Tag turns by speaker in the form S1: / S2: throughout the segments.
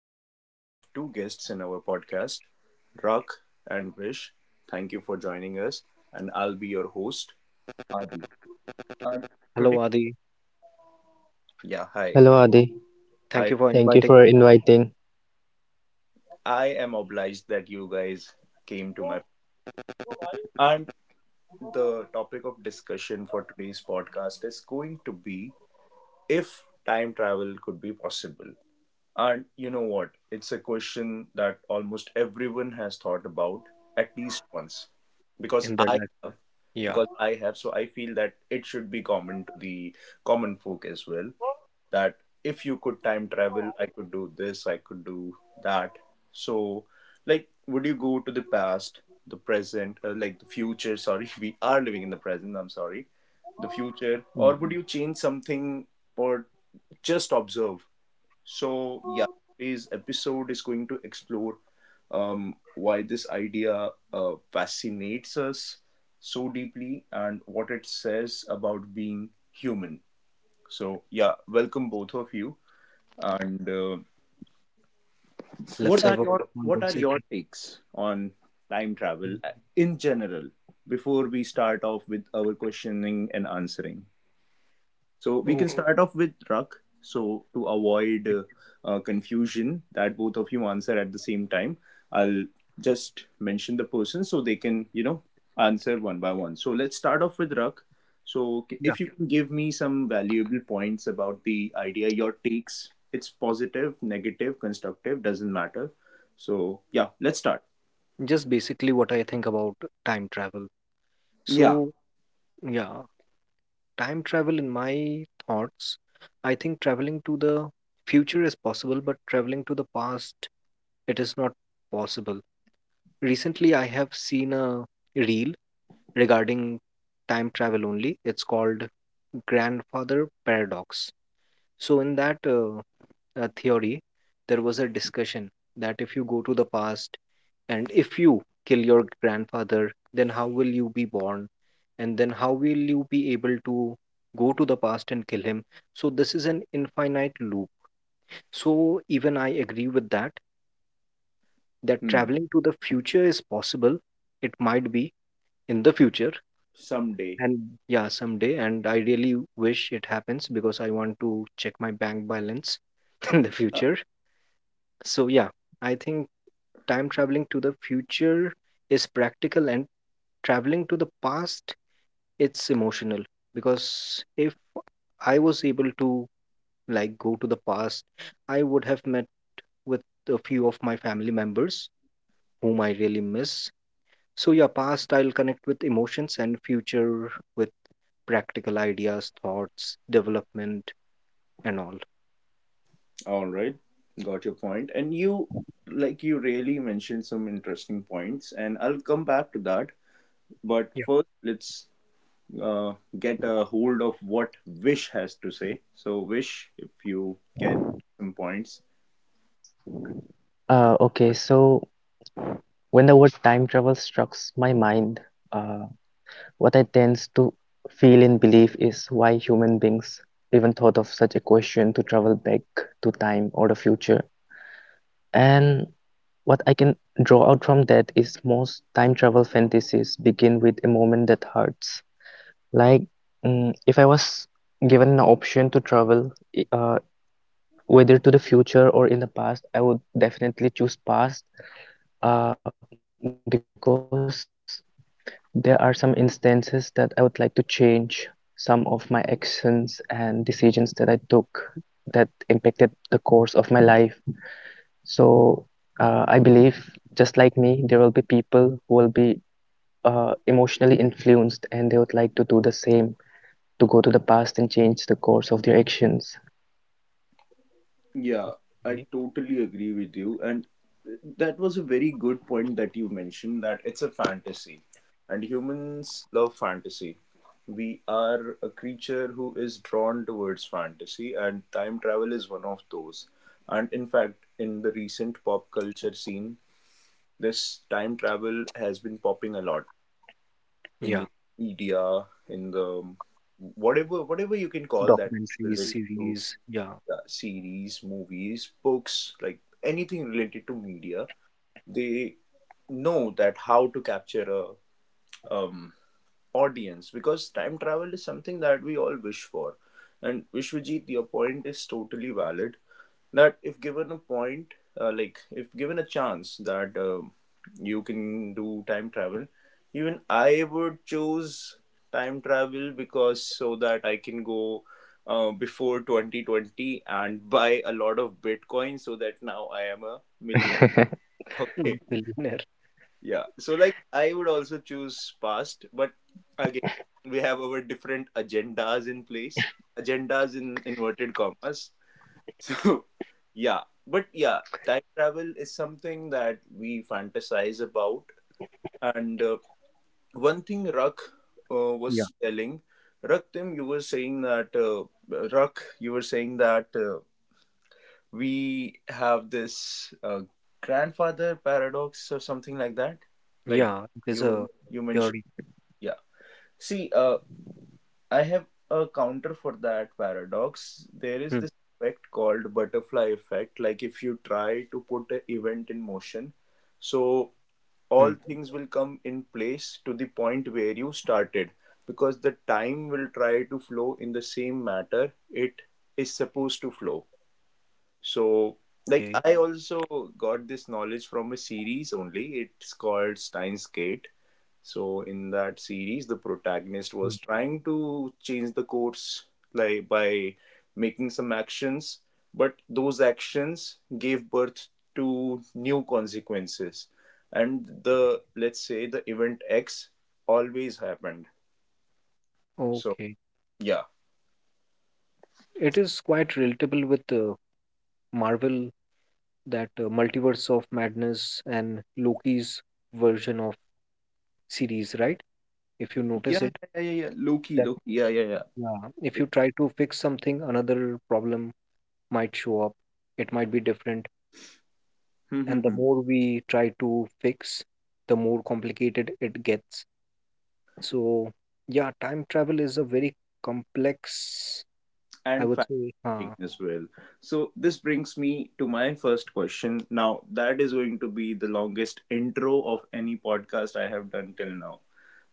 S1: I have two guests in our podcast, Rak and Vish. Thank you for joining us. And I'll be your host, Adi. And
S2: Hello,
S1: today,
S2: Adi.
S1: yeah, hi.
S3: Hello Adi,
S2: Thank
S1: Hi.
S2: you for inviting
S3: thank you for inviting.
S1: I am obliged that you guys came to my. And the topic of discussion for today's podcast is going to be if time travel could be possible. And you know what? It's a question that almost everyone has thought about at least once. Because
S2: in there.
S1: I
S2: Like,
S1: have,
S2: yeah,
S1: because I have, so I feel that it should be common to the common folk as well. That if you could time travel, I could do this, I could do that. So, like, would you go to the past, the present, like the future? Sorry, we are living in the present, I'm sorry. The future, or
S2: yeah,
S1: would you change something or just observe? So, yeah, today's episode is going to explore why this idea fascinates us so deeply and what it says about being human. So, yeah, welcome both of you. And
S2: let's
S1: what are
S2: have a
S1: your what are your
S2: conversation.
S1: takes on time travel in general before we start off with our questioning and answering? So we
S2: Oh,
S1: can start off with Ruck. So to avoid confusion that both of you answer at the same time, I'll just mention the person so they can, you know, answer one by one. So let's start off with Ruck. So
S2: yeah,
S1: if you can give me some valuable points about the idea, your takes, it's positive, negative, constructive, doesn't matter. So yeah, let's start.
S2: just basically what I think about time travel.
S1: Yeah.
S2: So, yeah, time travel in my thoughts, I think traveling to the future is possible, but traveling to the past, it is not possible. Recently, I have seen a reel regarding time travel only. It's called Grandfather Paradox. So in that theory, there was a discussion that if you go to the past and if you kill your grandfather, then how will you be born? And then how will you be able to go to the past and kill him? So this is an infinite loop. So even I agree with that, that
S1: Hmm.
S2: traveling to the future is possible. It might be in the future,
S1: Someday.
S2: and yeah, someday. And I really wish it happens because I want to check my bank balance in the future. So yeah, I think time traveling to the future is practical, and traveling to the past, it's emotional, because if I was able to like go to the past, I would have met with a few of my family members whom I really miss. So yeah, past I'll connect with emotions and future with practical ideas, thoughts, development, and all.
S1: All right, got your point. And you, like, you really mentioned some interesting points, and I'll come back to that. But
S2: Yeah.
S1: first, let's uh, get a hold of what Wish has to say. So, Wish, if you can, some points.
S3: Okay, so when the word time travel strikes my mind, uh, what I tend to feel and believe is why human beings even thought of such a question to travel back to time or the future. And what I can draw out from that is most time travel fantasies begin with a moment that hurts. Like, if I was given an option to travel, whether to the future or in the past, I would definitely choose past because there are some instances that I would like to change some of my actions and decisions that I took that impacted the course of my life. So I believe, just like me, there will be people who will be emotionally influenced and they would like to do the same to go to the past and change the course of their actions.
S1: Yeah, I
S2: Okay.
S1: totally agree with you. And that was a very good point that you mentioned that it's a fantasy. And humans love fantasy. We are a creature who is drawn towards fantasy, and time travel is one of those. And in fact, in the recent pop culture scene, this time travel has been popping a lot in
S2: Yeah.
S1: the media, in the whatever you can call that is
S2: Documentaries,
S1: related to
S2: series, yeah.
S1: yeah, series, movies, books, like anything related to media, they know that how to capture a um, audience because time travel is something that we all wish for. And Vishwajit, your point is totally valid that if given a point like if given a chance that you can do time travel, even I would choose time travel because so that I can go before 2020 and buy a lot of bitcoin so that now I am a million okay.
S2: Mm, billionaire.
S1: Yeah, so like I would also choose past, but again, we have our different agendas in place, agendas in inverted commas. So, yeah, but yeah, time travel is something that we fantasize about. And one thing Rak
S2: Yeah.
S1: was telling, Rak, Tim, you were saying that, uh, Rak, you were saying that we have this grandfather paradox or something like that, right?
S2: Yeah, it is a
S1: You mentioned,
S2: theory.
S1: yeah. See, I have a counter for that paradox. There is
S2: Hmm,
S1: this effect called butterfly effect. Like if you try to put an event in motion, so
S2: hmm,
S1: all things will come in place to the point where you started because the time will try to flow in the same matter it is supposed to flow. So, like,
S2: okay.
S1: I also got this knowledge from a series only. It's called Steins Gate. So in that series, the protagonist
S2: Hmm.
S1: was trying to change the course, like by making some actions, but those actions gave birth to new consequences, and the, let's say the event X always happened. So
S2: Okay.
S1: yeah,
S2: It is quite relatable with Marvel, that Multiverse of Madness and Loki's version of series, right? If you notice
S1: yeah,
S2: it,
S1: yeah, yeah, yeah. Loki,
S2: that
S1: Loki, yeah, yeah, yeah.
S2: yeah, if you try to fix something, another problem might show up. It might be different,
S1: Hmm, hmm,
S2: and the
S1: hmm.
S2: more we try to fix, the more complicated it gets. So, yeah, time travel is a very complex, I
S1: And
S2: would say. Ah,
S1: as well. So this brings me to my first question. Now that is going to be the longest intro of any podcast I have done till now.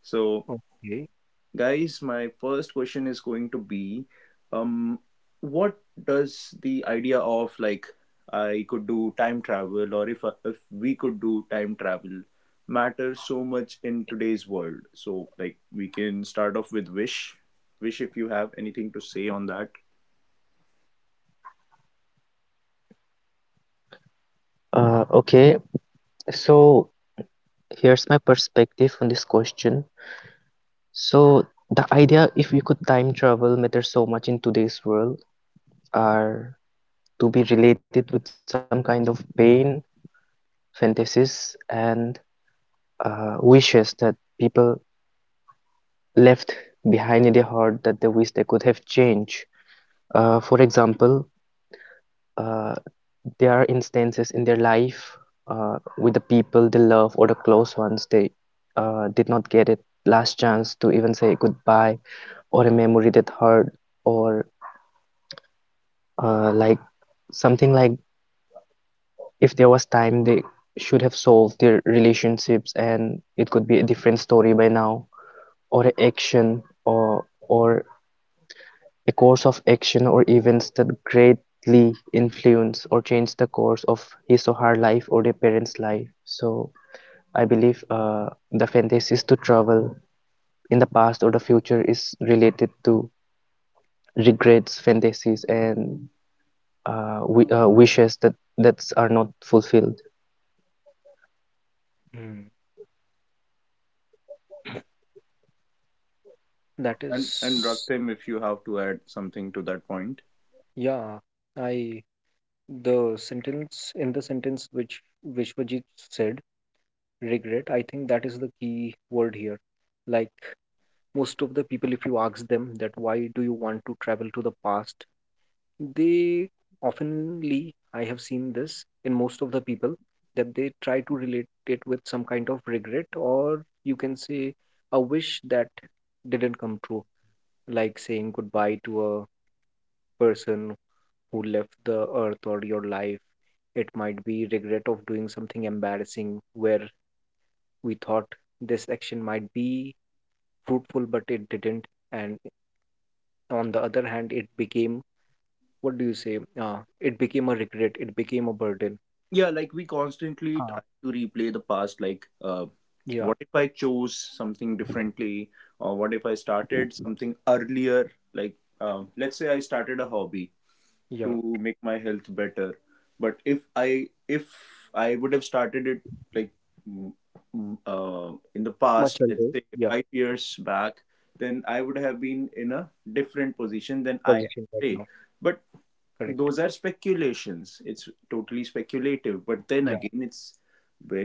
S1: So
S2: okay.
S1: guys, my first question is going to be um what does the idea of, like, I could do time travel, or if we could do time travel, matter so much in today's world. So like we can start off with Wish. Wish, if you have anything to say on that.
S3: Uh, okay, so here's my perspective on this question. So the idea, if we could time travel, matters so much in today's world, are to be related with some kind of pain, fantasies, and wishes that people left behind in their heart that they wish they could have changed. For example, uh, there are instances in their life with the people they love or the close ones they did not get it last chance to even say goodbye or a memory that hurt or uh, like something like if there was time, they should have solved their relationships and it could be a different story by now, or a course of action or events that greatly influence or change the course of his or her life or their parents' life. So I believe the fantasies to travel in the past or the future is related to regrets, fantasies, and we wishes that that's are not fulfilled.
S2: Hmm. That
S1: And
S2: is,
S1: Raktim, if you have to add something to that point.
S2: yeah, I the sentence in the sentence which Vishwajit said, regret, I think that is the key word here. Like, most of the people, if you ask them that why do you want to travel to the past, they oftenly, I have seen this in most of the people, that they try to relate it with some kind of regret, or you can say a wish that didn't come true, like saying goodbye to a person who left the earth or your life. It might be regret of doing something embarrassing, where we thought this action might be fruitful but it didn't, and on the other hand it became, what do you say, it became a regret, it became a burden.
S1: Yeah, like we constantly try
S2: हाँ.
S1: to replay the past, like
S2: Yeah.
S1: what if I chose something differently, or what if I started something earlier? Like, let's say I started a hobby
S2: Yeah,
S1: to make my health better, but if I would have started it like mm, in the
S2: much
S1: past, let's
S2: older.
S1: say
S2: Yeah.
S1: 5 years back, then I would have been in a different position than I am
S2: Position right
S1: today.
S2: now.
S1: But
S2: Correct.
S1: those are speculations, it's totally speculative, but then
S2: Yeah,
S1: again it's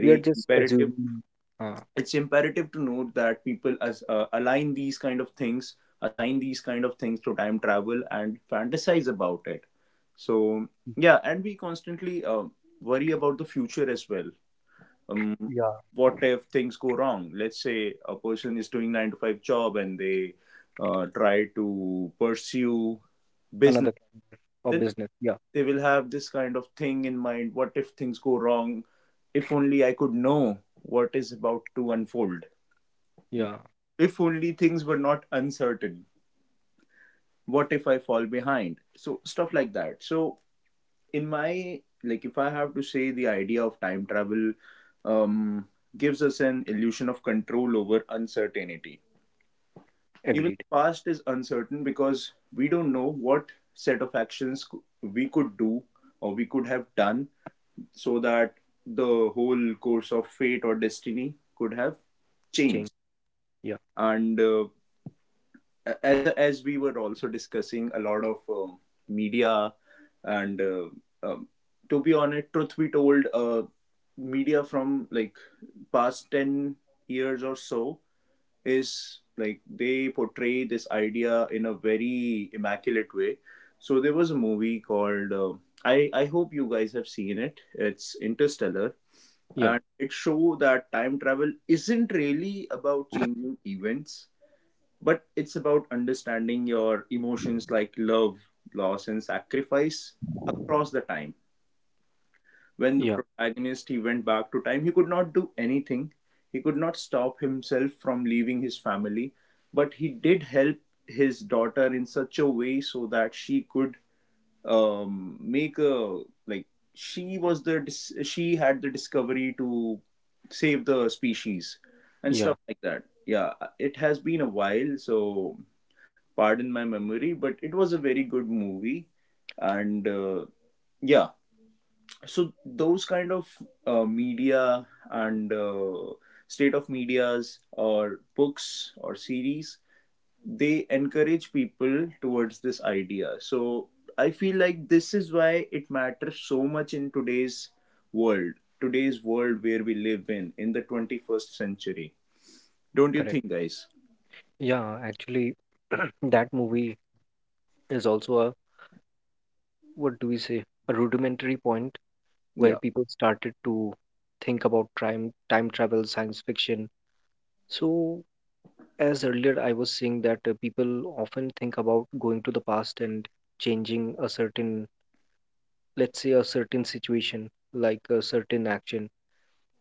S2: we are just
S1: imperative,
S2: assuming. uh,
S1: it's imperative to note that people as align these kind of things, assign these kind of things to time travel and fantasize about it. So yeah, and we constantly worry about the future as well. um,
S2: yeah.
S1: what if things go wrong? Let's say a person is doing 9 to 5 job and they try to pursue business,
S2: Another kind of
S1: then
S2: business, yeah.
S1: they will have this kind of thing in mind, what if things go wrong, if only I could know what is about to unfold,
S2: Yeah.
S1: if only things were not uncertain, what if I fall behind? So stuff like that. So in my, like if I have to say, the idea of time travel um gives us an illusion of control over uncertainty. Even
S2: Agreed.
S1: the past is uncertain because we don't know what set of actions we could do or we could have done so that the whole course of fate or destiny could have changed.
S2: Change, yeah.
S1: And as we were also discussing, a lot of media and um, to be honest, truth be told, media from like past 10 years or so is like they portray this idea in a very immaculate way. So there was a movie called. I hope you guys have seen it. It's Interstellar,
S2: Yeah.
S1: and it show that time travel isn't really about changing events, but it's about understanding your emotions like love, loss, and sacrifice across the time. When the
S2: Yeah.
S1: protagonist, he went back to time, he could not do anything, he could not stop himself from leaving his family, but he did help his daughter in such a way so that she could make a, like, she had the discovery to save the species and
S2: Yeah.
S1: stuff like that. Yeah, it has been a while, so pardon my memory, but it was a very good movie. And yeah, so those kind of media and state of medias or books or series, they encourage people towards this idea. So I feel like this is why it matters so much in world, today's world where we live in the 21st century. Don't you
S2: Correct.
S1: think, guys?
S2: Yeah. Actually that movie is also a, what do we say, a rudimentary point where
S1: Yeah.
S2: people started to think about time travel science fiction. So as earlier I was saying that people often think about going to the past and changing a certain, let's say, a certain situation, like a certain action.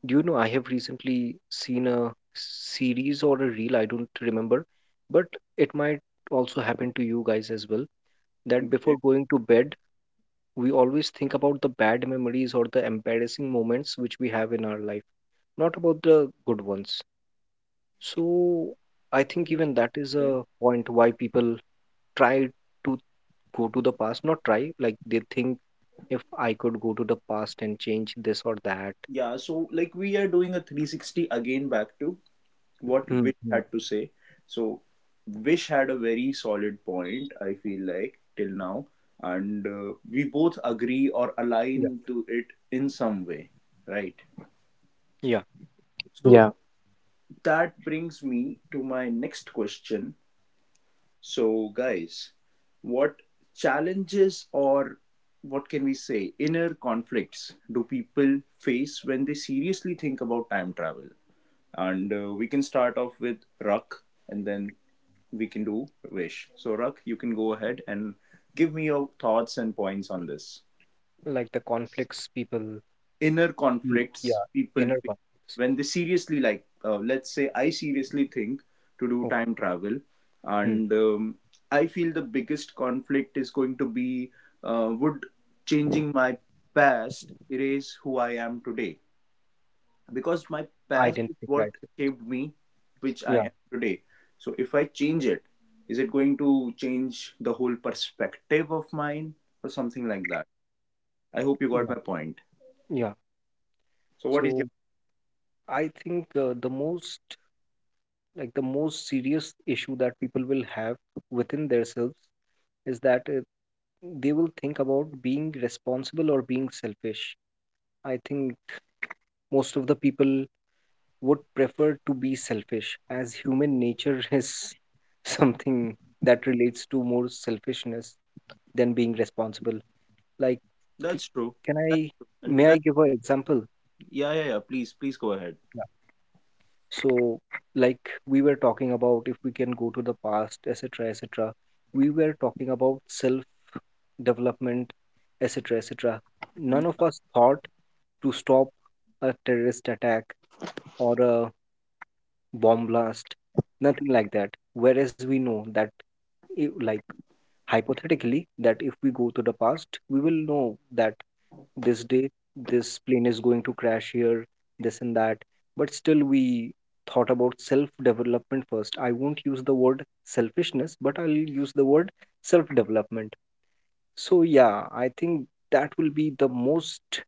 S2: Do you know, I have recently seen a series or a reel, I don't remember, but it might also happen to you guys as well, that before
S1: Okay.
S2: going to bed, we always think about the bad memories or the embarrassing moments which we have in our life, not about the good ones. So I think even that is
S1: Okay.
S2: a point why people try to go to the past, not try, like they think if I could go to the past and change this or that.
S1: Yeah, so like we are doing a 360 again back to what Wish
S2: Hmm.
S1: had to say. So Wish had a very solid point, I feel like, till now, and we both agree or
S2: Yeah.
S1: align to it in some way, right?
S2: Yeah.
S1: So
S3: Yeah,
S1: that brings me to my next question. So, guys, what challenges or what can we say inner conflicts do people face when they seriously think about time travel? And we can start off with Ruck and then we can do Vish. So, Ruck, you can go ahead and give me your thoughts and points on this.
S2: Like, the conflicts people,
S1: Inner
S2: Ye-
S1: conflicts
S2: yeah,
S1: people
S2: inner
S1: face
S2: conflicts.
S1: when they seriously, like, let's say, I seriously think to do
S2: Okay.
S1: time travel,
S2: Hmm.
S1: and I feel the biggest conflict is going to be would changing my past erase who I am today? Because my past is
S2: Identity
S1: what
S2: crisis.
S1: shaped me, which I
S2: Yeah.
S1: am today. So if I change it, is it going to change the whole perspective of mine or something like that? I hope you got
S2: Yeah.
S1: my point.
S2: Yeah.
S1: So what is your,
S2: So I think the most serious issue that people will have within themselves is that they will think about being responsible or being selfish. I think most of the people would prefer to be selfish, as human nature is something that relates to more selfishness than being responsible. Like, c-
S1: that's true,
S2: can
S1: that's
S2: I,
S1: true,
S2: may
S1: and
S2: I
S1: that,
S2: give an example?
S1: yeah yeah yeah, please please go ahead.
S2: So, like, we were talking about, if we can go to the past, etc., etc., we were talking about self development, etc., etc. None of
S1: Yeah,
S2: us thought to stop a terrorist attack or a bomb blast, nothing like that. Whereas we know that, like, hypothetically, that if we go to the past, we will know that this day this plane is going to crash here, this and that, but still we thought about self development first. I won't use the word selfishness, but I'll use the word self development. So yeah, I think that will be the most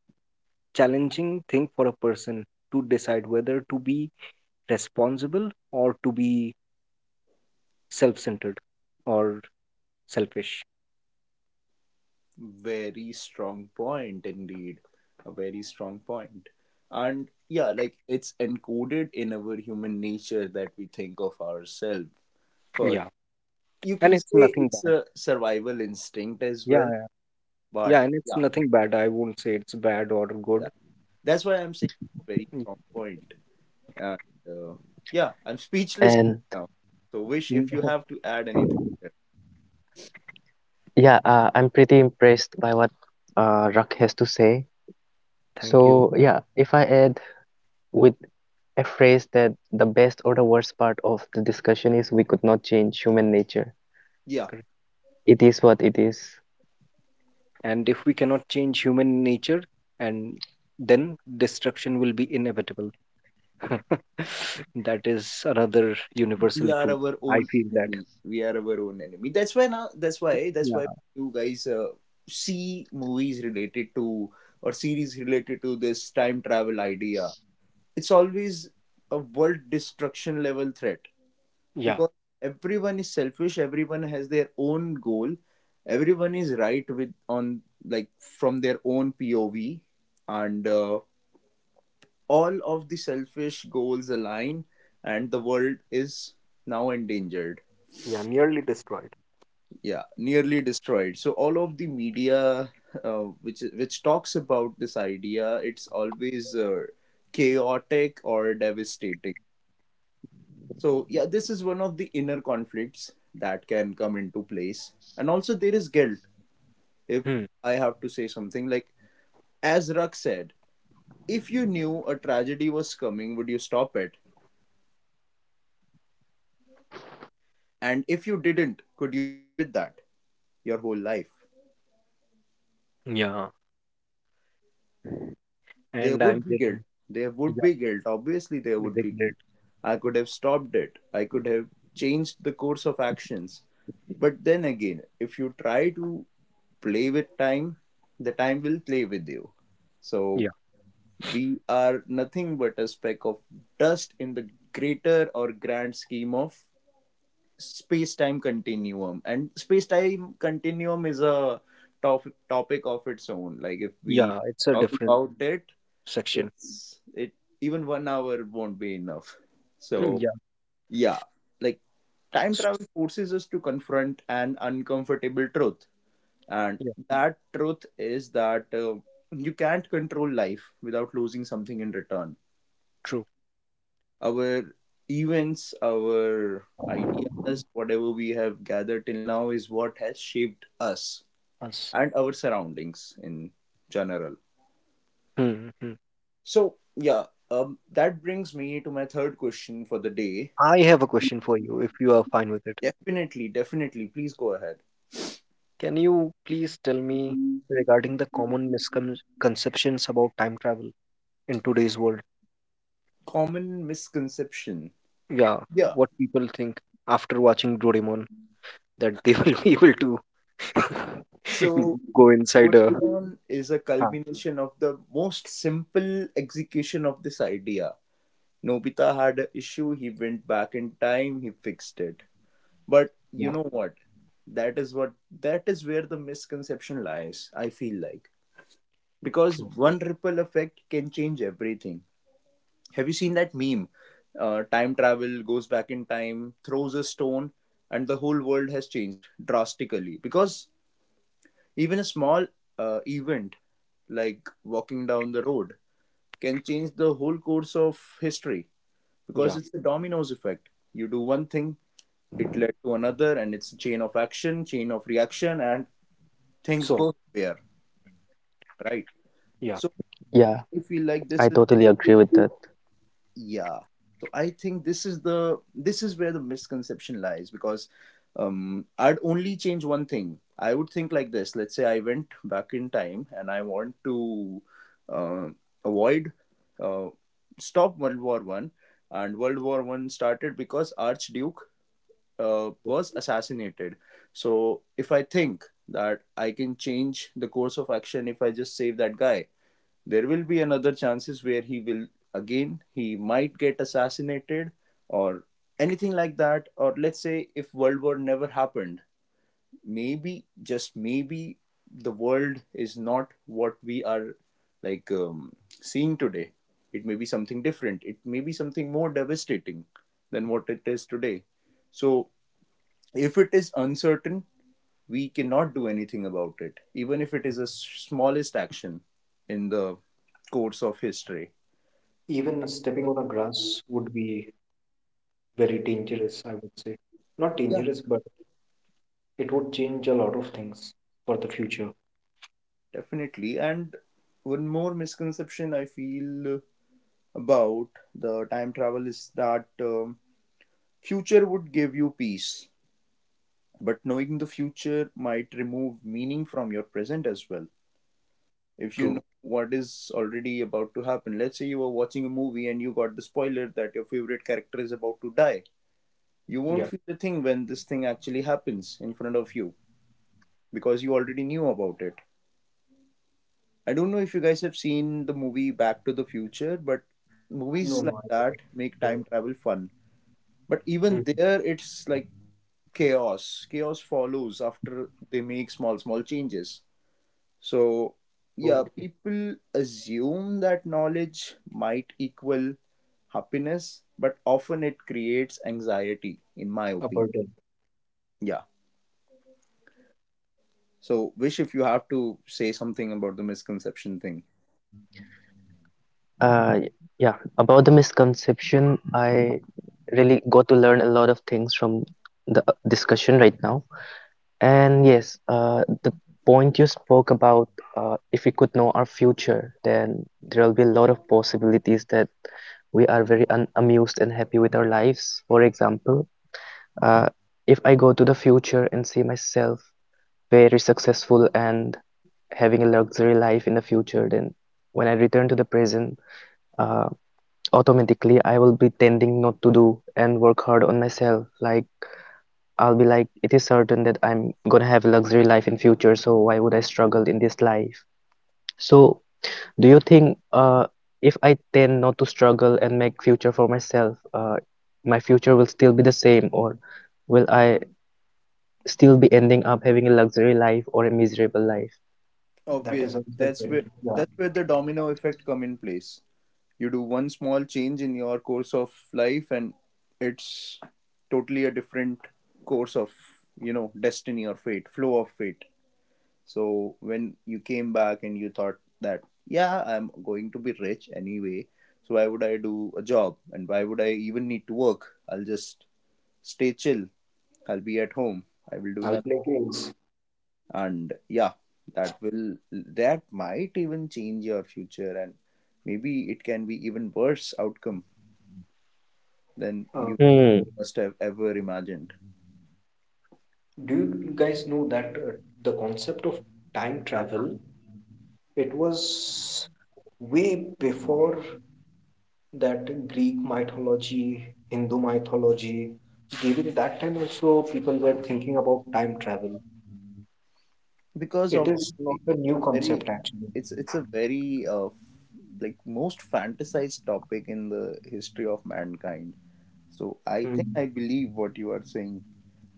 S2: challenging thing for a person, to decide whether to be responsible or to be self centered, or selfish.
S1: very strong point indeed, a very strong point. And yeah, like it's encoded in our human nature that we think of ourselves first.
S2: Yeah.
S1: You
S2: And
S1: can
S2: it's
S1: say
S2: nothing
S1: it's
S2: bad.
S1: a survival instinct as
S2: Yeah,
S1: well.
S2: yeah.
S1: But
S2: Yeah, and it's
S1: yeah,
S2: nothing bad. I won't say it's bad or
S1: yeah,
S2: good.
S1: that's why I'm saying it's a very strong point. And uh, yeah, I'm speechless
S3: and
S1: now. So Wish, if you
S2: No.
S1: have to add anything there.
S3: yeah, I'm pretty impressed by what Rock has to say.
S2: Thank you.
S3: So, yeah, if I add with a phrase that the best or the worst part of the discussion is we could not change human nature.
S1: yeah
S2: Correct.
S3: It is what it is.
S2: And if we cannot change human nature, and then destruction will be inevitable. That is another
S1: we
S2: universal
S1: are
S2: truth.
S1: our
S2: I
S1: own
S2: feel that.
S1: enemy. We are our own enemy that's why now that's
S2: Yeah.
S1: why you guys see movies related to or series related to this time travel idea. It's always a world destruction level threat
S2: Yeah.
S1: because everyone is selfish, everyone has their own goal, everyone is right with on, like, from their own POV. And all of the selfish goals align and the world is now endangered.
S2: Yeah. Nearly destroyed.
S1: Yeah, nearly destroyed. So all of the media which talks about this idea, it's always, chaotic or devastating. So, yeah, this is one of the inner conflicts that can come into place. And also, there is guilt. If
S2: Hmm.
S1: I have to say something, like, as Rak said, if you knew a tragedy was coming, would you stop it? And if you didn't, could you live with that your whole life?
S2: Yeah.
S1: There
S2: And
S1: would
S2: I'm
S1: be guilt.
S2: getting, yeah,
S1: Obviously, there would be
S2: regret.
S1: guilt. I could have stopped it. I could have changed the course of actions. But then again, if you try to play with time, the time will play with you. So
S2: Yeah.
S1: we are nothing but a speck of dust in the greater or grand scheme of space time continuum. And space time continuum is a topic of its own. Like, if we
S2: Yeah. It's a
S1: talk
S2: different
S1: about it,
S2: section.
S1: it's it even one hour won't be enough.
S2: Hmm.
S1: So
S2: Yeah.
S1: yeah, like, time
S2: s-
S1: travel forces us to confront an uncomfortable truth, and
S2: Yeah.
S1: that truth is that, you can't control life without losing something in return.
S2: True.
S1: Our events, our ideas, whatever we have gathered till now, is what has shaped us
S2: Us.
S1: and our surroundings in general.
S2: Hmm. Hmm.
S1: So yeah, that brings me to my third question for the day.
S2: I have a question for you, if you are fine with it.
S1: Definitely, definitely. Please go ahead.
S2: Can you please tell me regarding the common misconceptions about time travel in today's world?
S1: Common misconception.
S2: Yeah,
S1: Yeah.
S2: what people think after watching Doraemon that they will be able to
S1: So,
S2: go inside a.
S1: Duathlon is a
S2: Ah,
S1: culmination of the most simple execution of this idea. Nobita had an issue, he went back in time, he fixed it. But you
S2: yeah,
S1: know what? That is what that is where the misconception lies, I feel like. Because
S2: true.
S1: one ripple effect can change everything. Have you seen that meme? Time travel goes back in time, throws a stone, and the whole world has changed drastically. Because even a small, event, like walking down the road, can change the whole course of history, because
S2: Yeah.
S1: it's the dominoes effect. You do one thing, it led to another, and it's a chain of action, chain of reaction, and things
S2: So,
S1: go haywire, right?
S2: yeah,
S1: So
S3: Yeah,
S1: I feel like this
S3: I totally agree with that.
S1: yeah so I think this is where the misconception lies. Because, I'd only change one thing. I would think like this: let's say I went back in time and I want to uh, avoid, uh, stop world war I. And world war I started because archduke
S2: yeah.
S1: was assassinated. So if I think that I can change the course of action, if I just save that guy, there will be another chances where he will, again, he might get assassinated, or anything like that. Or let's say if world war never happened, maybe, just maybe, the world is not what we are, like, seeing today. It may be something different, it may be something more devastating than what it is today. So if it is uncertain, we cannot do anything about it, even if it is the smallest action in the course of history.
S2: Even stepping on a grass would be very dangerous, I would say. Not
S1: Yeah.
S2: dangerous, but it would change a lot of things for the future.
S1: Definitely. And one more misconception I feel about the time travel is that, future would give you peace, but knowing the future might remove meaning from your present as well. If you know
S2: True.
S1: what is already about to happen, let's say you were watching a movie and you got the spoiler that your favorite character is about to die, you won't
S2: Yeah.
S1: feel a thing when this thing actually happens in front of you, because you already knew about it. I don't know if you guys have seen the movie Back to the Future, but
S2: No,
S1: movies
S2: no,
S1: like
S2: I get it.
S1: that make time
S2: But-
S1: travel fun. But even
S2: Mhm.
S1: there, it's like chaos. Chaos follows after they make small, small changes. So, yeah,
S2: Okay.
S1: people assume that knowledge might equal happiness, but often it creates anxiety, in my
S2: A
S1: opinion.
S2: burden.
S1: Yeah. So, Vish, if you have to say something about the misconception thing.
S3: Uh, yeah, about the misconception, I really got to learn a lot of things from the discussion right now. And yes, the point you spoke about, if we could know our future, then there will be a lot of possibilities that we are very un amused and happy with our lives. For example, uh, if I go to the future and see myself very successful and having a luxury life in the future, then when I return to the present, uh, automatically I will be tending not to do and work hard on myself, like I'll be like, it is certain that I'm gonna have a luxury life in future, so why would I struggle in this life? So, do you think if I tend not to struggle and make future for myself, my future will still be the same, or will I still be ending up having a luxury life or a miserable life?
S2: That
S1: Obviously,
S2: is
S1: that's where
S2: uncertain. Yeah.
S1: that's where the domino effect come in place. You do one small change in your course of life, and it's totally a different course of, you know, destiny or fate, flow of fate. So when you came back and you thought that, yeah, I'm going to be rich anyway, so why would I do a job and why would I even need to work? I'll just stay chill. I'll be at home. I will do
S2: I'll
S1: nothing.
S2: play games.
S1: And yeah, that might even change your future, and maybe it can be even worse outcome than
S2: Uh,
S1: you
S3: Hmm.
S1: must have ever imagined.
S2: do you guys know that the concept of time travel, it was way before that Greek mythology, Hindu mythology. During that time also, people were thinking about time travel.
S1: Because,
S2: It
S1: obviously,
S2: is not a
S1: it's
S2: new
S1: a very
S2: concept actually.
S1: it's a very, like, most fantasized topic in the history of mankind. So I think,
S2: Hmm.
S1: I believe what you are saying,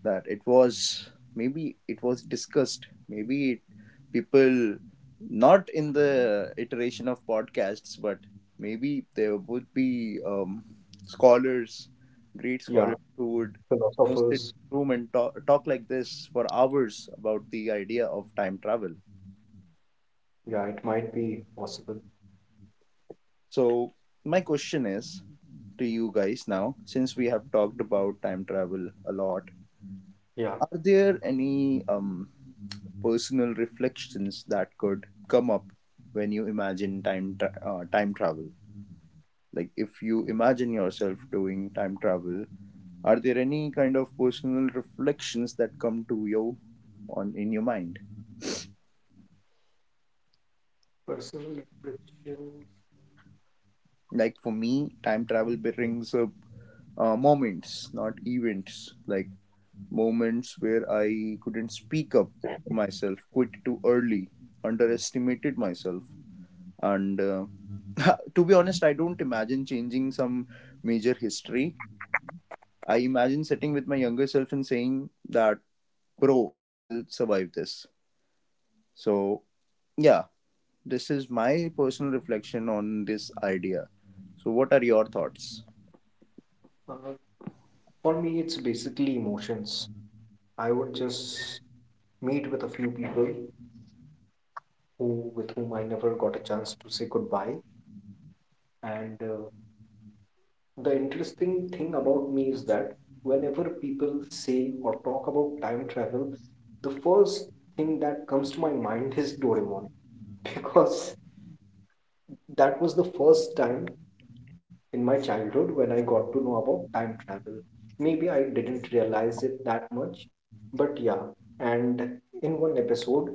S1: that it was, maybe it was discussed, maybe it, people, not in the iteration of podcasts, but maybe there would be, scholars, great
S2: Yeah,
S1: scholars, who would, you know, sit in
S2: philosophers.
S1: a room and talk, talk like this for hours about the idea of time travel.
S2: Yeah, it might be possible.
S1: So my question is to you guys now, since we have talked about time travel a lot,
S2: Yeah.
S1: are there any, personal reflections that could come up when you imagine time travel? Like, if you imagine yourself doing time travel, are there any kind of personal reflections that come to you on in your mind?
S2: Personal impressions.
S1: Like, for me, time travel brings up, moments, not events. Like, moments where I couldn't speak up for myself, quit too early, underestimated myself. And to be honest, I don't imagine changing some major history. I imagine sitting with my younger self and saying that, bro, you will survive this. So yeah, this is my personal reflection on this idea. So what are your thoughts?
S2: Uh, for me, it's basically emotions. I would just meet with a few people who with whom I never got a chance to say goodbye. And the interesting thing about me is that whenever people say or talk about time travel, the first thing that comes to my mind is Doraemon because that was the first time in my childhood when I got to know about time travel. Maybe I didn't realize it that much, but yeah. And in one episode,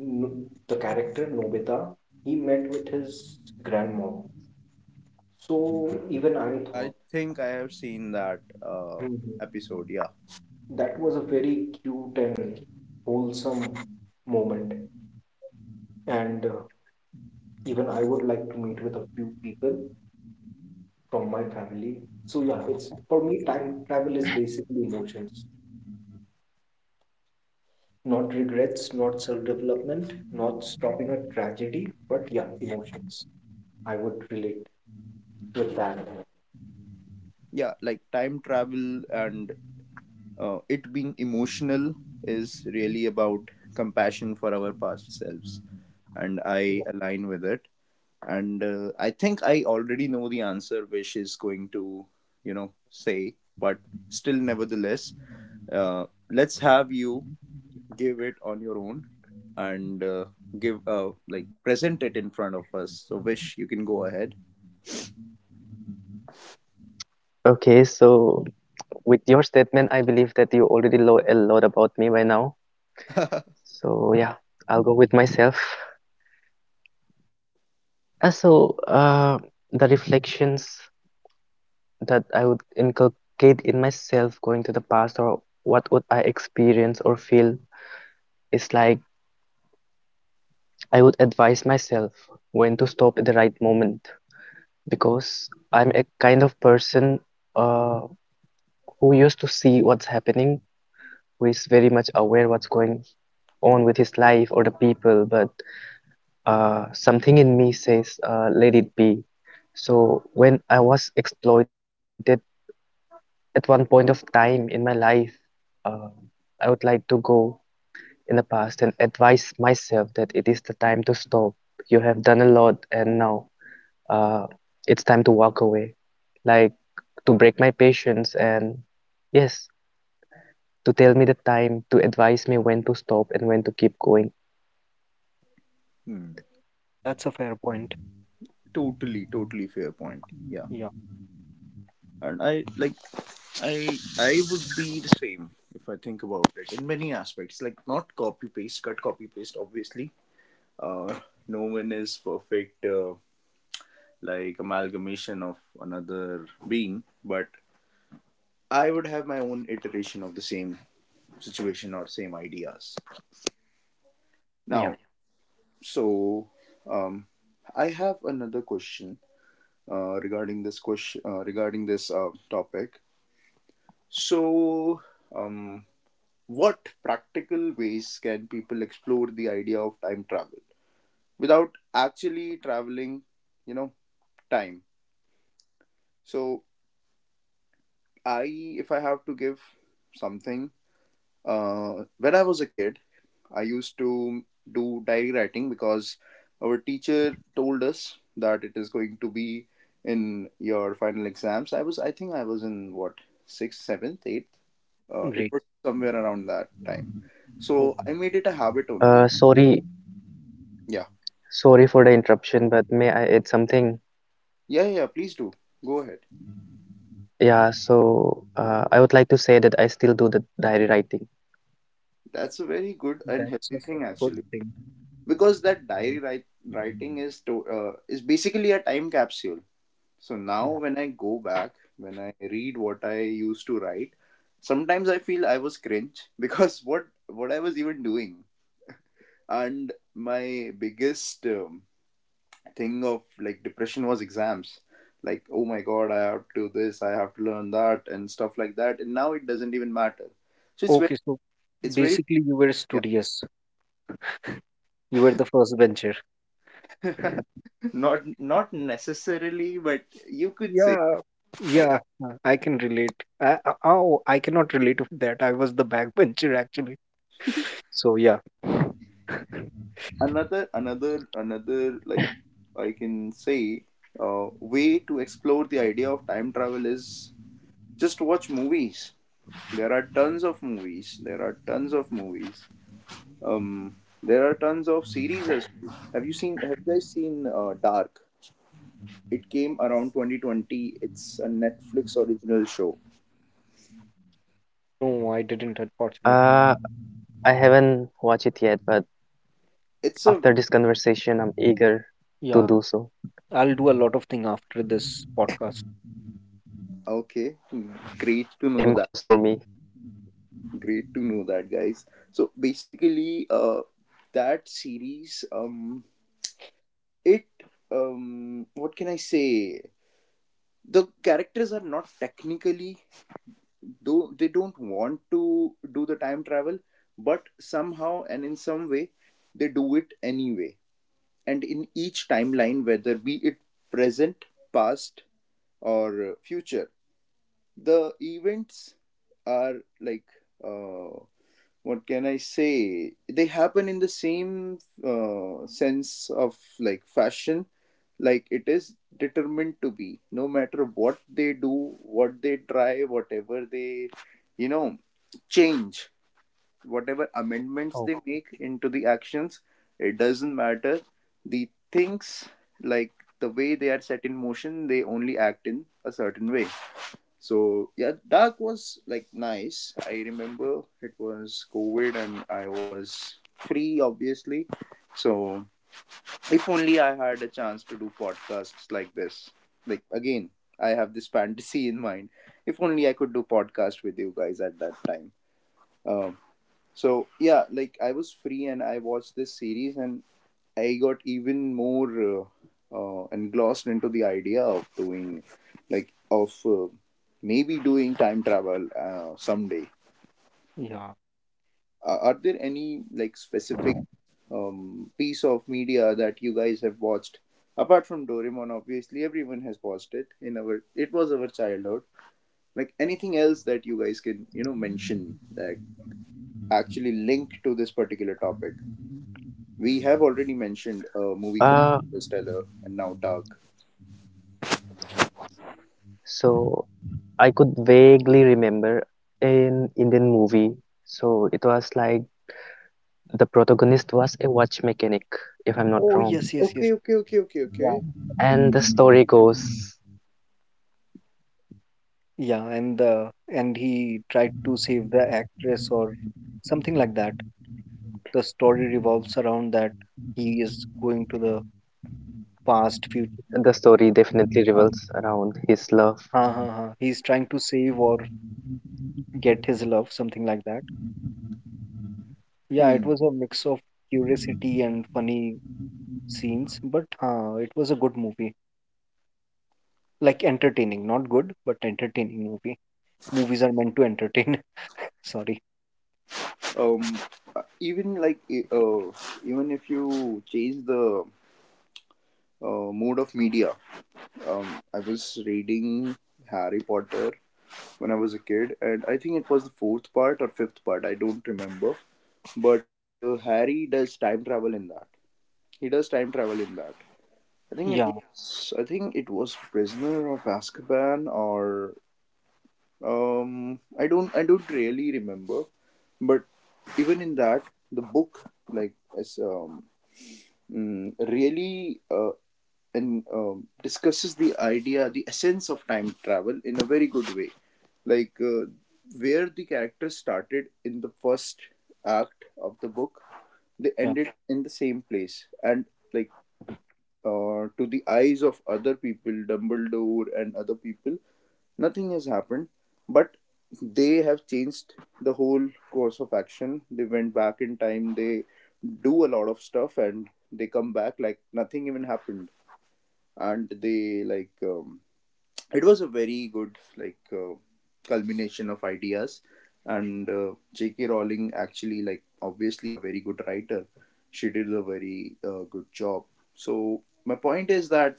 S2: The character Nobita, he met with his grandmom. So even I
S1: I
S2: thought,
S1: think I have seen that
S2: "Hmm,
S1: episode, yeah.
S2: that was a very cute and wholesome moment." And even I would like to meet with a few people from my family. So yeah, it's for me time travel is basically emotions. Not regrets, not self development, not stopping a tragedy, but yeah, emotions. I would relate with that.
S1: Yeah, like, time travel and, it being emotional is really about compassion for our past selves, and I
S2: Yeah,
S1: align with it. And I think I already know the answer which is going to, you know, say, but still, nevertheless, let's have you give it on your own. And give, like, present it in front of us. So Wish, you can go ahead.
S3: Okay, so with your statement, I believe that you already know a lot about me by now. So yeah, I'll go with myself. Uh, so uh, the reflections that I would inculcate in myself going to the past or what would I experience or feel is like I would advise myself when to stop at the right moment because I'm a kind of person uh, who used to see what's happening, who is very much aware what's going on with his life or the people, but something in me says let it be. So when I was exploited at 1 point of time in my life, uh, I would like to go in the past and advise myself that it is the time to stop. You have done a lot, and now uh, it's time to walk away. Like to break my patience, and yes, to tell me the time, to advise me when to stop and when to keep going.
S1: Hmm.
S2: that's a fair point.
S1: Totally, totally fair point. Yeah.
S2: Yeah,
S1: And I like, i I would be the same if I think about it in many aspects. Like, not copy paste, cut copy paste, obviously. Uh, no one is perfect, like, amalgamation of another being, but I would have my own iteration of the same situation or same ideas
S2: yeah,
S1: now. So, um, I have another question, regarding this, topic. So, um, what practical ways can people explore the idea of time travel without actually traveling, you know, time? So, I if I have to give something. When I was a kid, I used to do diary writing, because our teacher told us that it is going to be in your final exams. I was, I think, I was in what, sixth, seventh, eighth. It
S2: great.
S1: was somewhere around that time. So
S2: Oh,
S1: I made it a habit only.
S3: Sorry,
S1: Yeah,
S3: sorry for the interruption, but may I add something?
S1: yeah, yeah. Please do go ahead.
S3: Yeah, so I would like to say that I still do the diary writing.
S1: That's a very good and
S2: that's
S1: healthy
S2: a
S1: thing
S2: good
S1: actually,
S2: thing.
S1: because that writing is to, is basically a time capsule. So now
S2: Yeah.
S1: when I go back, when I read what I used to write, sometimes I feel I was cringe because what I was even doing. And my biggest, thing of, like, depression was exams. Like, oh my god, I have to do this, I have to learn that, and stuff like that. And now it doesn't even matter. So it's very,
S2: Okay, so
S1: it's very
S2: basically you were
S1: yeah.
S2: studious. You were the first bencher.
S1: Not, not necessarily, but you could say.
S2: Yeah, yeah, I can relate. Oh, I cannot relate with that. I was the backbencher actually. So yeah.
S1: Another, like, I can say, way to explore the idea of time travel is just watch movies. There are tons of movies. There are tons of movies. Um, there are tons of series as well. Have you seen? Have you guys seen, Dark? It came around 2020. It's a Netflix original show.
S2: No, I didn't, unfortunately.
S3: Uh, I haven't watched it yet, but
S1: It's a
S3: after this conversation, I'm eager to
S2: Yeah,
S3: do so.
S2: I'll do a lot of thing after this podcast.
S3: Same
S1: Okay.
S3: goes
S1: Hmm,
S3: for me.
S1: great to know that. Great to know that, guys. So basically, that series, it what can I say, the characters are not technically, do they don't want to do the time travel, but somehow and in some way they do it anyway. And in each timeline, whether be it present, past, or, future, the events are, like, uh, what can I say? They happen in the same, sense of, like, fashion. Like, it is determined to be, no matter what they do, what they try, whatever they, you know, change, whatever amendments
S2: Oh.
S1: they make into the actions, it doesn't matter. The things, like, the way they are set in motion, they only act in a certain way. So yeah, Dark was like nice. I remember it was COVID and I was free, obviously. So if only I had a chance to do podcasts like this. Like again, I have this fantasy in mind. If only I could do podcast with you guys at that time. Um, so yeah, like I was free and I watched this series and I got even more engrossed into the idea of doing, like, of maybe doing time travel someday.
S2: Yeah.
S1: Are there any like specific piece of media that you guys have watched apart from Doraemon? Obviously, everyone has watched it in our. It was our childhood. Like anything else that you guys can mention that actually link to this particular topic. We have already mentioned a movie called
S3: Uh,
S1: Interstellar and now Dark.
S3: so I could vaguely remember an Indian movie. So it was like the protagonist was a watch mechanic, if I'm not
S2: Oh
S3: wrong.
S2: yes, yes,
S1: Okay,
S2: yes.
S1: okay, okay, okay,
S2: Yeah.
S1: okay.
S3: And the story goes,
S2: Yeah, and he tried to save the actress or something like that. The story revolves around that he is going to the past, future.
S3: the story definitely
S2: Um,
S3: revolves around his love.
S2: Ha ha ha. He's trying to save or get his love, something like that. Yeah, it
S1: Hmm.
S2: was a mix of curiosity and funny scenes, but it was a good movie. Like entertaining, not good, but entertaining movie. Movies are meant to entertain. Sorry.
S1: Um. Even even if you change the mode of media, um, I was reading Harry Potter when I was a kid, and I think it was the fourth part or fifth part. I don't remember. But Harry does time travel in that. He does time travel in that. I think it
S2: Yeah,
S1: was. I think it was Prisoner of Azkaban or I don't really remember, but even in that, the book is really and discusses the idea, the essence of time travel in a very good way. Like where the characters started in the first act of the book, they
S2: yeah,
S1: ended in the same place, and like to the eyes of other people, Dumbledore and other people, nothing has happened. But they have changed the whole course of action. They went back in time, they do a lot of stuff, and they come back like nothing even happened and they it was a very good culmination of ideas and jk rowling actually like obviously a very good writer. She did a very good job. So my point is that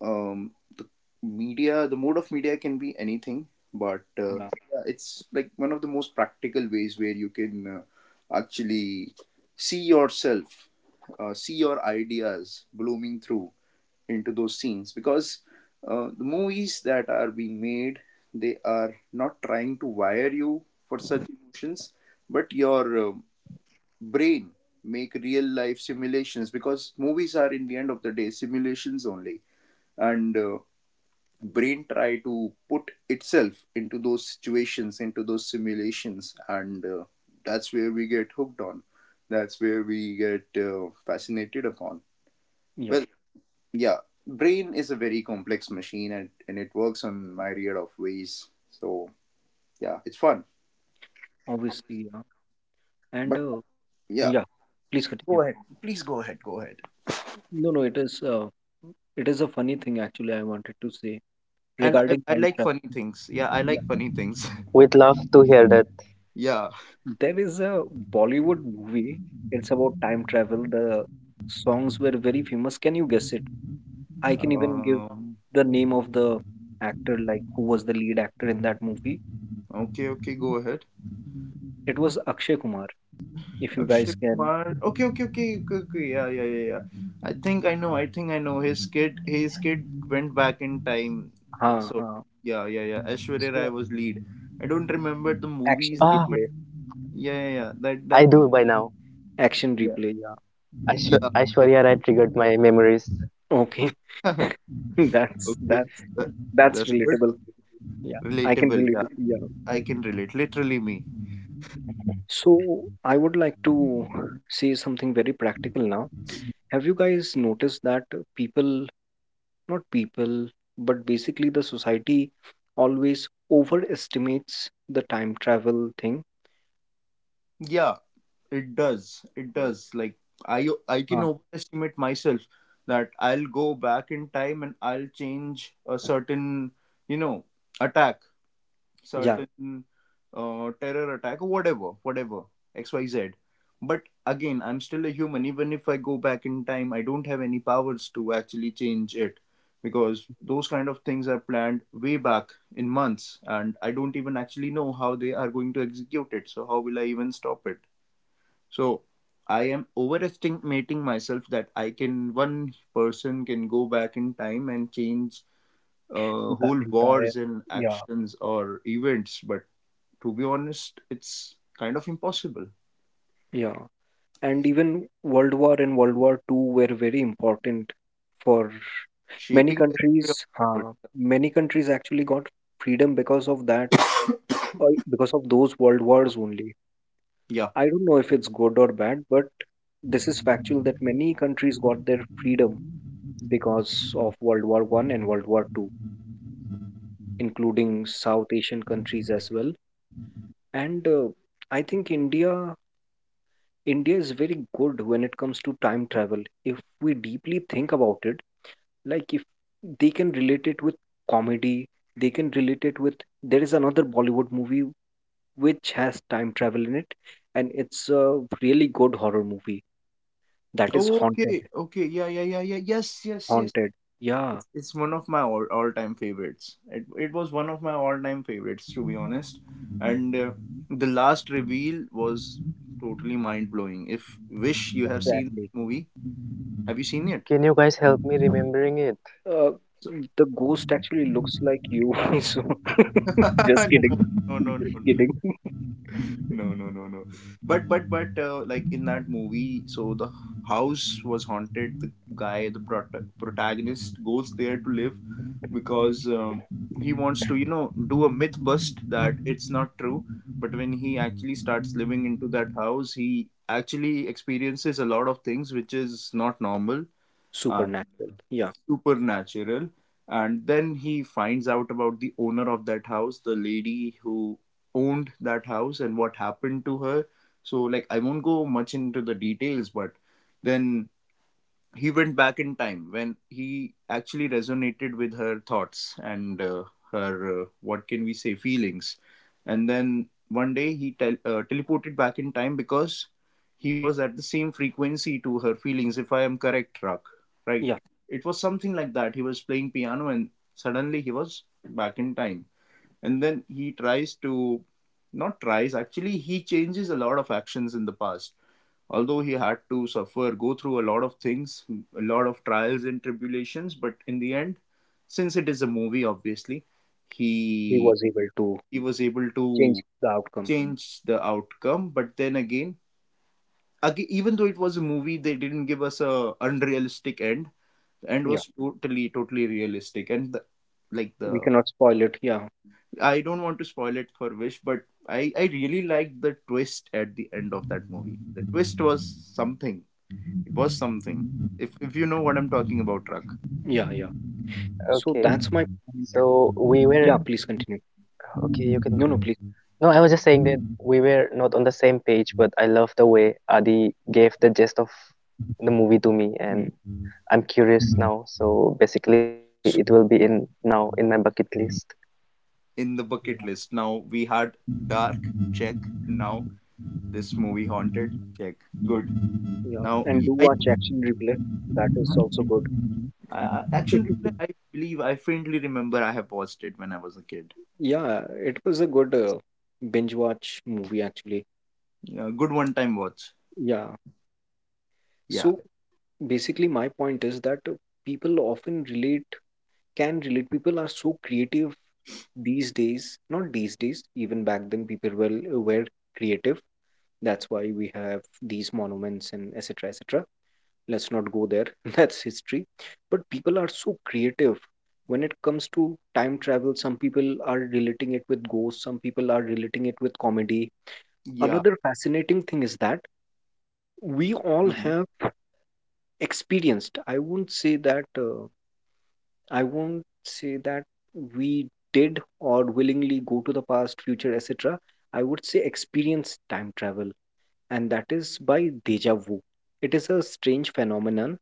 S1: um the media, the mode of media can be anything, but
S2: yeah,
S1: yeah, it's like one of the most practical ways where you can actually see yourself, see your ideas blooming through into those scenes because the movies that are being made, they are not trying to wire you for such emotions, but your brain make real life simulations because movies are in the end of the day simulations only. And brain try to put itself into those situations, into those simulations, and that's where we get hooked on, that's where we get fascinated upon.
S2: yeah.
S1: Well, yeah, brain is a very complex machine, and it works on myriad of ways. So yeah, it's fun.
S2: Obviously, yeah. And
S1: But yeah,
S2: yeah, please continue.
S1: go ahead, please go ahead, go ahead.
S2: No, no, it is a funny thing, actually, I wanted to say
S1: and i,
S2: regarding
S1: I
S2: time
S1: like
S2: travel.
S1: funny things, yeah, I
S2: Yeah.
S1: like funny things.
S3: We'd love to hear that.
S1: Yeah.
S2: There is a Bollywood movie. It's about time travel. The songs were very famous. Can you guess it? I can even give
S1: Um,
S2: the name of the actor, like who was the lead actor in that movie.
S1: okay, okay, go ahead.
S2: It was Akshay Kumar. If you
S1: Akshay
S2: guys can,
S1: Kumar. Okay, okay, okay, okay, okay. Yeah, yeah, yeah, yeah. I think I know. I think I know. His kid went back in time.
S2: ha
S1: So
S2: ha.
S1: yeah, yeah, yeah. Aishwarya Rai
S2: So
S1: was lead. I don't remember the
S2: Action
S1: movies,
S3: Ah,
S1: but
S2: Replay.
S1: yeah, yeah, yeah. That
S3: I
S1: that
S3: do by now.
S2: Action
S1: yeah,
S2: Replay, yeah.
S1: yeah,
S3: I sure yeah, I triggered my memories.
S2: Okay.
S1: yeah.
S2: That's
S1: Okay,
S2: that's
S1: that,
S2: that's
S1: that's good.
S2: relatable. Yeah, I can
S1: Relatable.
S2: relate to,
S1: Yeah,
S2: yeah.
S1: I can relate. Literally me.
S2: So I would like to say something very practical now. Have you guys noticed that people, not people, but basically the society always overestimates the time travel thing?
S1: Yeah. It does. It
S2: Uh,
S1: does. Like I can overestimate myself that I'll go back in time and I'll change a certain, you know, attack,
S2: yeah,
S1: certain terror attack or whatever, whatever, XYZ. But again, I'm still a human. Even if I go back in time, I don't have any powers to actually change it because those kind of things are planned way back in months and I don't even actually know how they are going to execute it. So how will I even stop it? So I am overestimating myself that I can one person can go back in time and change
S2: the
S1: whole
S2: entire.
S1: wars and
S2: Yeah.
S1: actions or events, but to be honest, it's kind of impossible.
S2: Yeah. And even World War and World War II were very important for many
S1: Shaping the history of
S2: countries.
S1: the
S2: Many countries actually got freedom because of that,
S1: world.
S2: or because of those world wars only.
S1: Yeah.
S2: I don't know if it's good or bad, but this is factual, that many countries got their freedom because of World War I and World War II, including South Asian countries as well. And I think India is very good when it comes to time travel. If we deeply think about it, like if they can relate it with comedy, they can relate it with, there is another Bollywood movie which has time travel in it, and it's a really good horror movie that is
S1: Oh,
S2: Haunted.
S1: okay. Okay. Yeah. Yeah. Yeah. Yeah. Yes. Yes. Yes.
S2: Haunted, yeah.
S1: It's one of my all time favorites. It was one of my all time favorites to be honest. And the last reveal was totally mind blowing. If wish you have seen
S2: Exactly.
S1: the movie, have you seen it?
S3: Can you guys help me remembering it?
S2: uh,
S1: So,
S2: the ghost actually looks like you so just kidding.
S1: no, no, no,
S2: Just
S1: no.
S2: kidding.
S1: No, no, no, no. But like in that movie, so the house was haunted. The guy, the protagonist, goes there to live because he wants to, you know, do a myth bust that it's not true. But when he actually starts living into that house, he actually experiences a lot of things which is not normal. Uh,
S2: Supernatural, yeah.
S1: supernatural, and then he finds out about the owner of that house, the lady who owned that house and what happened to her. So like I won't go much into the details, but then he went back in time when he actually resonated with her thoughts and her what can we say, feelings. And then one day he teleported back in time because he was at the same frequency to her feelings, if I am correct, Rak, right?
S2: Yeah,
S1: It was something like that. He was playing piano and suddenly he was back in time, and then he tries to, not tries actually, he changes a lot of actions in the past. Although he had to suffer, go through a lot of things, a lot of trials and tribulations, but in the end, since it is a movie, obviously,
S2: he
S1: he
S2: was able to
S1: he was able to
S2: change the outcome.
S1: change the outcome. But then again, again even though it was a movie, they didn't give us a unrealistic end. The end
S2: Yeah,
S1: was totally realistic, and the, like
S2: we
S1: the,
S2: cannot spoil it. Yeah.
S1: I don't want to spoil it for Wish, but I really liked the
S3: Hmm.
S1: twist at the end of that movie. The twist was something. It was something. If you know what I'm talking about, Truck.
S2: Yeah, yeah.
S3: Okay.
S2: So that's my point.
S3: So we were
S2: Yeah, please continue.
S3: Okay. You can go
S2: No,
S3: ahead.
S2: no, please.
S3: No, I was just saying that we were not on the same page, but I love the way Adi gave the gist of the movie to me,
S2: Hmm.
S3: and I'm curious now, so basically it will be
S2: So,
S3: in now in my bucket list.
S1: In the bucket
S2: yeah.
S1: list. Now we had Dark, check. Now this movie Haunted, check. Good.
S2: Yeah,
S1: Now
S2: and do
S1: I
S2: watch
S1: think
S2: Action Replay. That is also good.
S1: Action Replay. I believe I faintly remember I have watched it when I was a kid.
S2: Yeah, it was a good binge watch movie actually.
S1: Yeah, good one-time watch.
S2: Yeah.
S1: Yeah,
S2: So basically, my point is that people often relate, can relate. People are so creative these days, not these days, even back then, people were creative. That's why we have these monuments and etc. etc. Let's not go there. That's history, but people are so creative when it comes to time travel. Some people are relating it with ghosts, some people are relating it with comedy.
S1: yeah.
S2: Another fascinating thing is that we all
S1: Mm-hmm.
S2: have experienced. I won't say that i won't say that we did or willingly go to the past, future, etc. I would say experience time travel, and that is by deja vu. It is a strange phenomenon.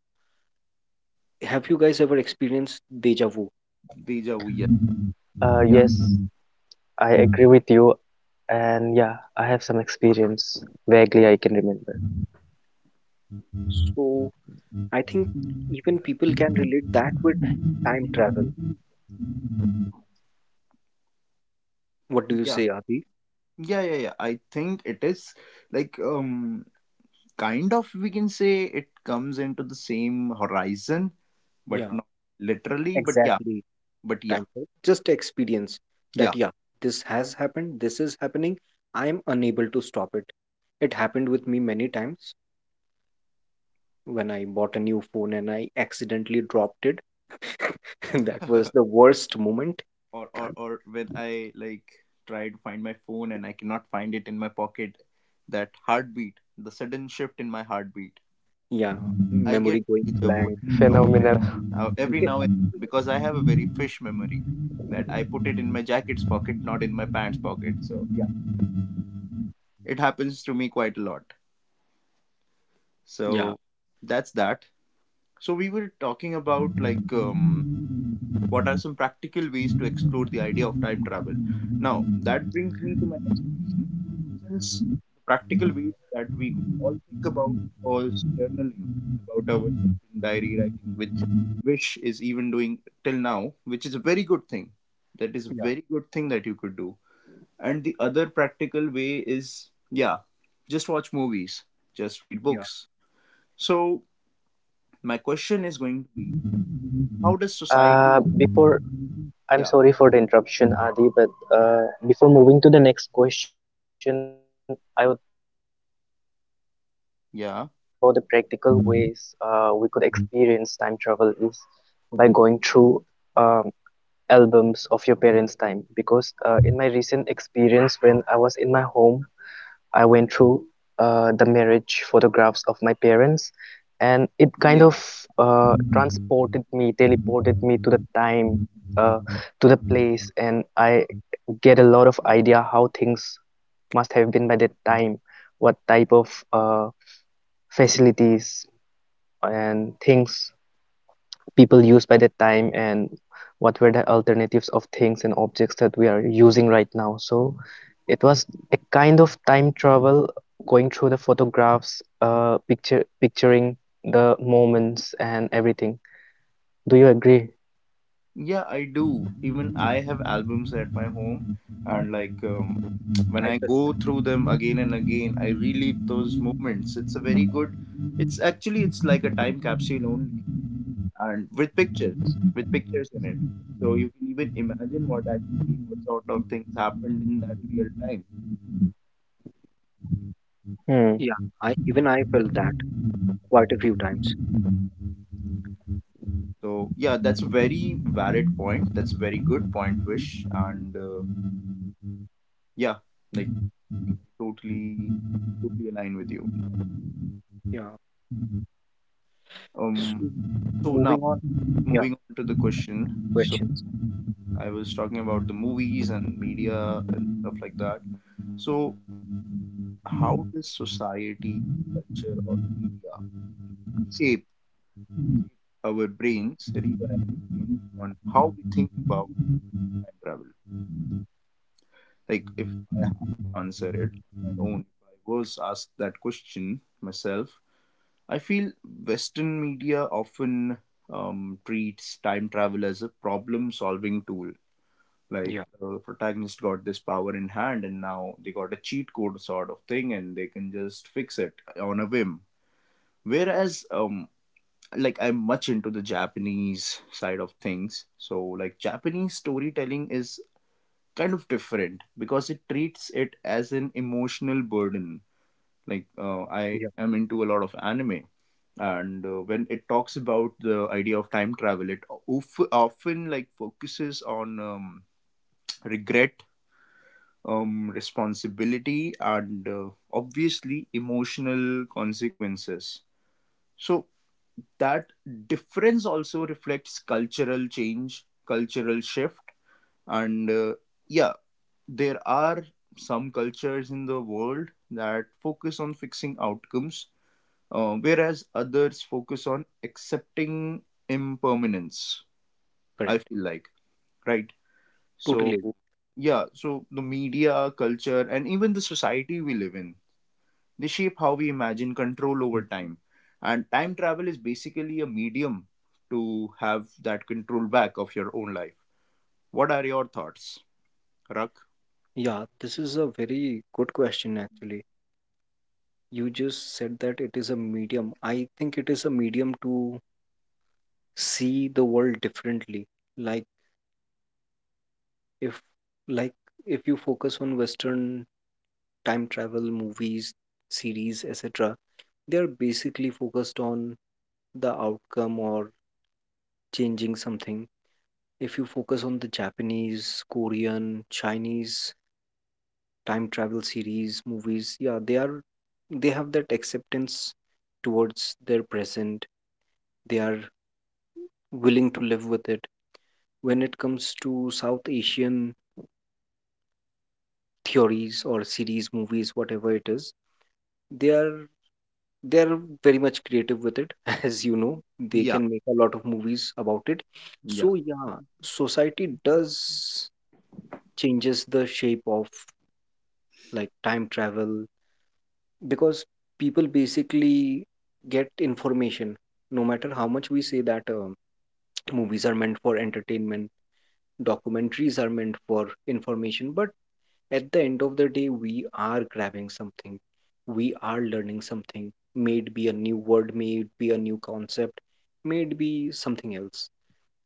S2: Have you guys ever experienced deja vu?
S1: Deja vu. Yes.
S3: Yes,
S1: Yeah.
S3: I agree with you, and yeah, I have some experience vaguely I can remember.
S2: So I think even people can relate that with time travel. What do you
S1: Yeah.
S2: say, Adi?
S1: Yeah. Yeah. Yeah. I think it is like kind of, we can say it comes into the same horizon, but
S2: Yeah,
S1: not literally. But yeah,
S2: exactly.
S1: but yeah,
S2: Time travel. Just experience that.
S1: yeah.
S2: Yeah, this has happened, this is happening. I am unable to stop it. It happened with me many times when I bought a new phone and I accidentally dropped it. That was the worst moment.
S1: Or, or when I like try to find my phone and I cannot find it in my pocket, that heartbeat, the sudden shift in my heartbeat.
S2: Yeah,
S1: I
S2: memory
S1: get
S2: going
S1: deja vu
S2: blank.
S1: every now and then.
S3: Phenomenal.
S1: Every now and then, because I have a very fish memory, that I put it in my jacket's pocket, not in my pants pocket. So yeah, it happens to me quite a lot.
S2: Yeah,
S1: So that's that. So we were talking about like what are some practical ways to explore the idea of time travel? Now, that brings me to my next question. Since the practical ways that we could all think about was journaling about ourselves in diary writing, which Wish is even doing till now, which is a very good thing. That is a
S2: yeah,
S1: very good thing that you could do. And the other practical way is, yeah, just watch movies, just read
S2: yeah.
S1: books. So, my question is going to be, how does society,
S3: Before I'm
S1: yeah,
S3: sorry for the interruption, Adi, but before moving to the next question, I would like to add some points that if we are
S1: yeah,
S3: discussing about the practical ways we could experience time travel is by going through um albums of your parents' time because in my recent experience when I was in my home, I went through the marriage photographs of my parents and it kind
S1: yeah.
S3: of transported me, teleported me to the time, uh, to the place, and I get a lot of idea how things must have been by that time, what type of facilities and things people used by that time and what were the alternatives of things and objects that we are using right now. So it was a kind of time travel going through the photographs, picture picturing the moments and everything. Do you agree?
S1: Yeah, I do. Even I have albums at my home, and when
S2: I
S1: I go through them again and again, I relive those moments. It's a very good. It's actually, it's like a time capsule only, and with pictures in it. So you can even imagine what actually what sort of things happened in that real time.
S3: Hmm.
S2: Yeah, I even I felt that quite a few times.
S1: So yeah, that's a very valid point. That's a very good point, Wish, and yeah, like I totally, totally align with you on that.
S2: Yeah.
S1: Um,
S2: So,
S1: so now
S2: moving on. Yeah,
S1: moving on to the question. So
S2: questions.
S1: I was talking about the movies and media and stuff like that. So how does society, culture or media shape our brains, rewire our brains on how we think about time travel? Like if I have to answer it on my own, if I was asked that question myself, I feel western media often treats time travel as a problem solving tool. Like
S2: Yeah,
S1: the protagonist got this power in hand and now they got a cheat code sort of thing and they can just fix it on a whim, whereas I'm much into the Japanese side of things. So like Japanese storytelling is kind of different because it treats it as an emotional burden. Like I
S2: yeah,
S1: am into a lot of anime, and when it talks about the idea of time travel, it often like focuses on regret, responsibility and obviously emotional consequences. So, that difference also reflects cultural change, cultural shift, and uh, yeah, there are some cultures in the world that focus on fixing outcomes, whereas others focus on accepting impermanence. I
S2: correct.
S1: feel like, right?
S2: Totally
S1: So,
S2: agree.
S1: yeah, so the media, culture, and even the society we live in, they shape how we imagine control over
S2: Mm.
S1: time. And time travel is basically a medium to have that control back of your own life. What are your thoughts, Rak?
S2: Yeah, this is a very good question actually. You just said that it is a medium. I think it is a medium to see the world differently. Like if like if you focus on Western time travel movies, series, etc., they are basically focused on the outcome or changing something. If you focus on the Japanese, Korean, Chinese time travel series, movies, yeah, they have that acceptance towards their present. They are willing to live with it. When it comes to South Asian theories or series, movies, whatever it is, they are they are very much creative with it. As you know, they
S1: Yeah,
S2: can make a lot of movies about it.
S1: yeah.
S2: So yeah, society does changes the shape of like time travel, because people basically get information. No matter how much we say that movies are meant for entertainment, documentaries are meant for information, but at the end of the day, we are grabbing something, we are learning something. May it be a new word, may it be a new concept, may it be something else.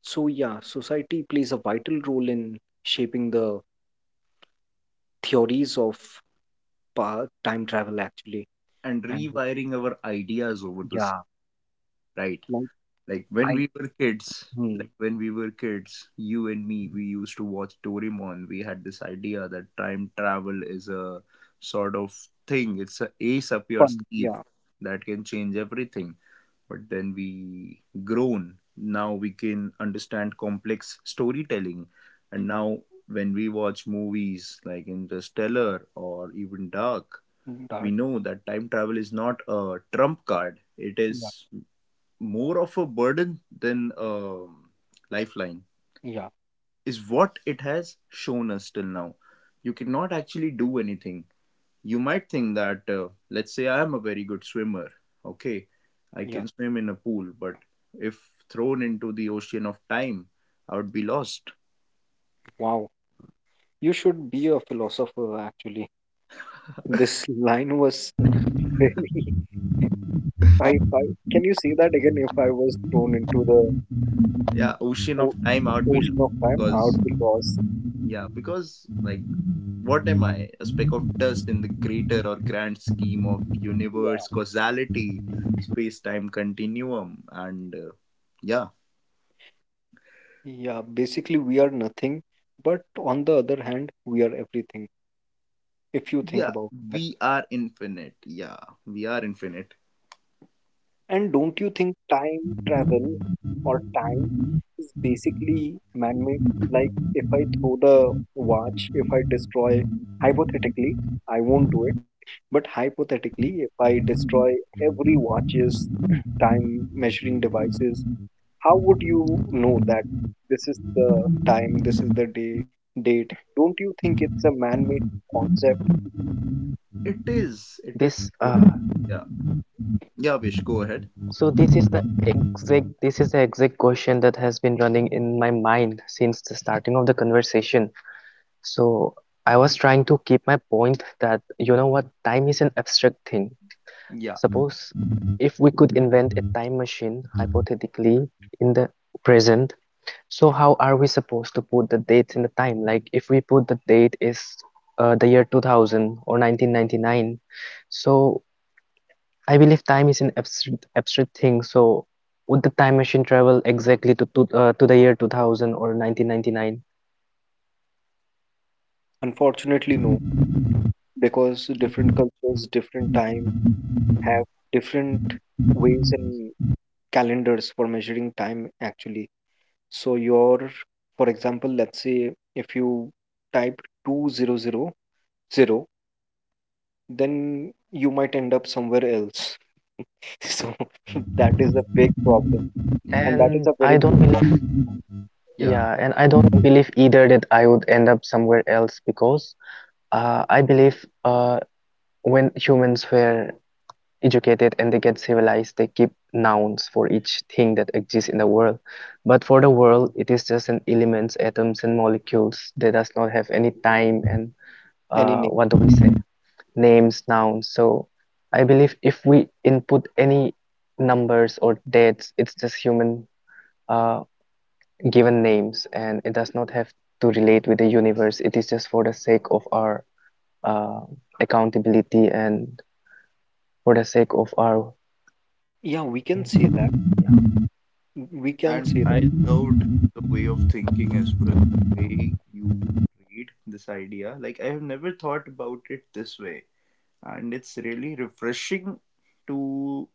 S2: So yeah, society plays a vital role in shaping the theories of pa time travel actually.
S1: And
S2: And
S1: rewiring our ideas over the same,
S2: yeah,
S1: right?
S2: like.
S1: Like when
S2: I
S1: we were kids,
S2: Hmm.
S1: like when we were kids, you and me, we used to watch Doraemon. We had this idea that time travel is a sort of thing. It's a ace up your
S2: Fun.
S1: sleeve
S2: Yeah,
S1: that can change everything. But then we grown, now we can understand complex storytelling. And now when we watch movies like Interstellar or even Dark,
S2: mm,
S1: we
S2: that.
S1: know that time travel is not a trump card, it
S2: Yeah,
S1: is more of a burden than a lifeline,
S2: yeah,
S1: is what it has shown us till now. You cannot actually do anything. You might think that, let's say I am a very good swimmer. Okay, I
S2: yeah.
S1: can swim in a pool, but if thrown into the ocean of time, I would be lost.
S2: Wow, you should be a philosopher actually. This line was very. I, I Can you say that again? If I was thrown into the
S1: Yeah, ocean of
S2: o-
S1: time, I would be lost.
S2: ocean of time, I would
S1: because
S2: be lost.
S1: yeah because like what am I? A speck of dust in the greater or grand scheme of
S2: Yeah,
S1: universe causality, space time continuum, and yeah
S2: yeah. Basically, we are nothing, but on the other hand, we are everything. If you think
S1: yeah
S2: about that.
S1: we are infinite, yeah, we are infinite.
S2: And don't you think time travel or time is basically man-made? Like, if I throw the watch, if I destroy, hypothetically, I won't do it, but hypothetically, if I destroy every watch's time measuring devices, how would you know that this is the time, this is the day, date? Don't you think it's a man-made concept?
S1: It
S3: This
S1: is,
S3: uh,
S1: it is pure. Yeah. Yeah, Vish, go
S3: so
S1: ahead.
S3: this is the exact this is the exact question that has been running in my mind since the starting of the conversation. So I was trying to keep my point that you know what, time is an abstract thing.
S1: Yeah,
S3: Suppose if we could invent a time machine hypothetically in the present, so how are we supposed to put the dates in the time? Like if we put the date is the year 2000 or 1999, so I believe time is an abstract thing. So would the time machine travel exactly to the year 2000 or 1999?
S2: Unfortunately, no. Because different cultures, different time have different ways and calendars for measuring time actually. So your, for example, let's say if you type 2000, then you might end up somewhere else. So that is a big problem. And that
S3: And
S2: is a
S3: I
S2: very
S3: don't
S2: good one.
S3: believe
S1: yeah.
S3: Yeah, and I don't believe either that I would end up somewhere else because I believe when humans were educated and they get civilized, they keep nouns for each thing that exists in the world. But for the world, it is just an elements, atoms, and molecules. They does not have any time and
S2: Any name.
S3: what do we say? Names, nouns. So I believe if we input any numbers or dates, it's just human. Uh, Given names and it does not have to relate with the universe, it is just for the sake of our uh, accountability and for the sake of our
S2: Yeah, we can say that. We can
S1: And
S2: say that.
S1: I loved the way of thinking as well. The way you portrayed this idea. Like, I have never thought about it this way. And it's really refreshing to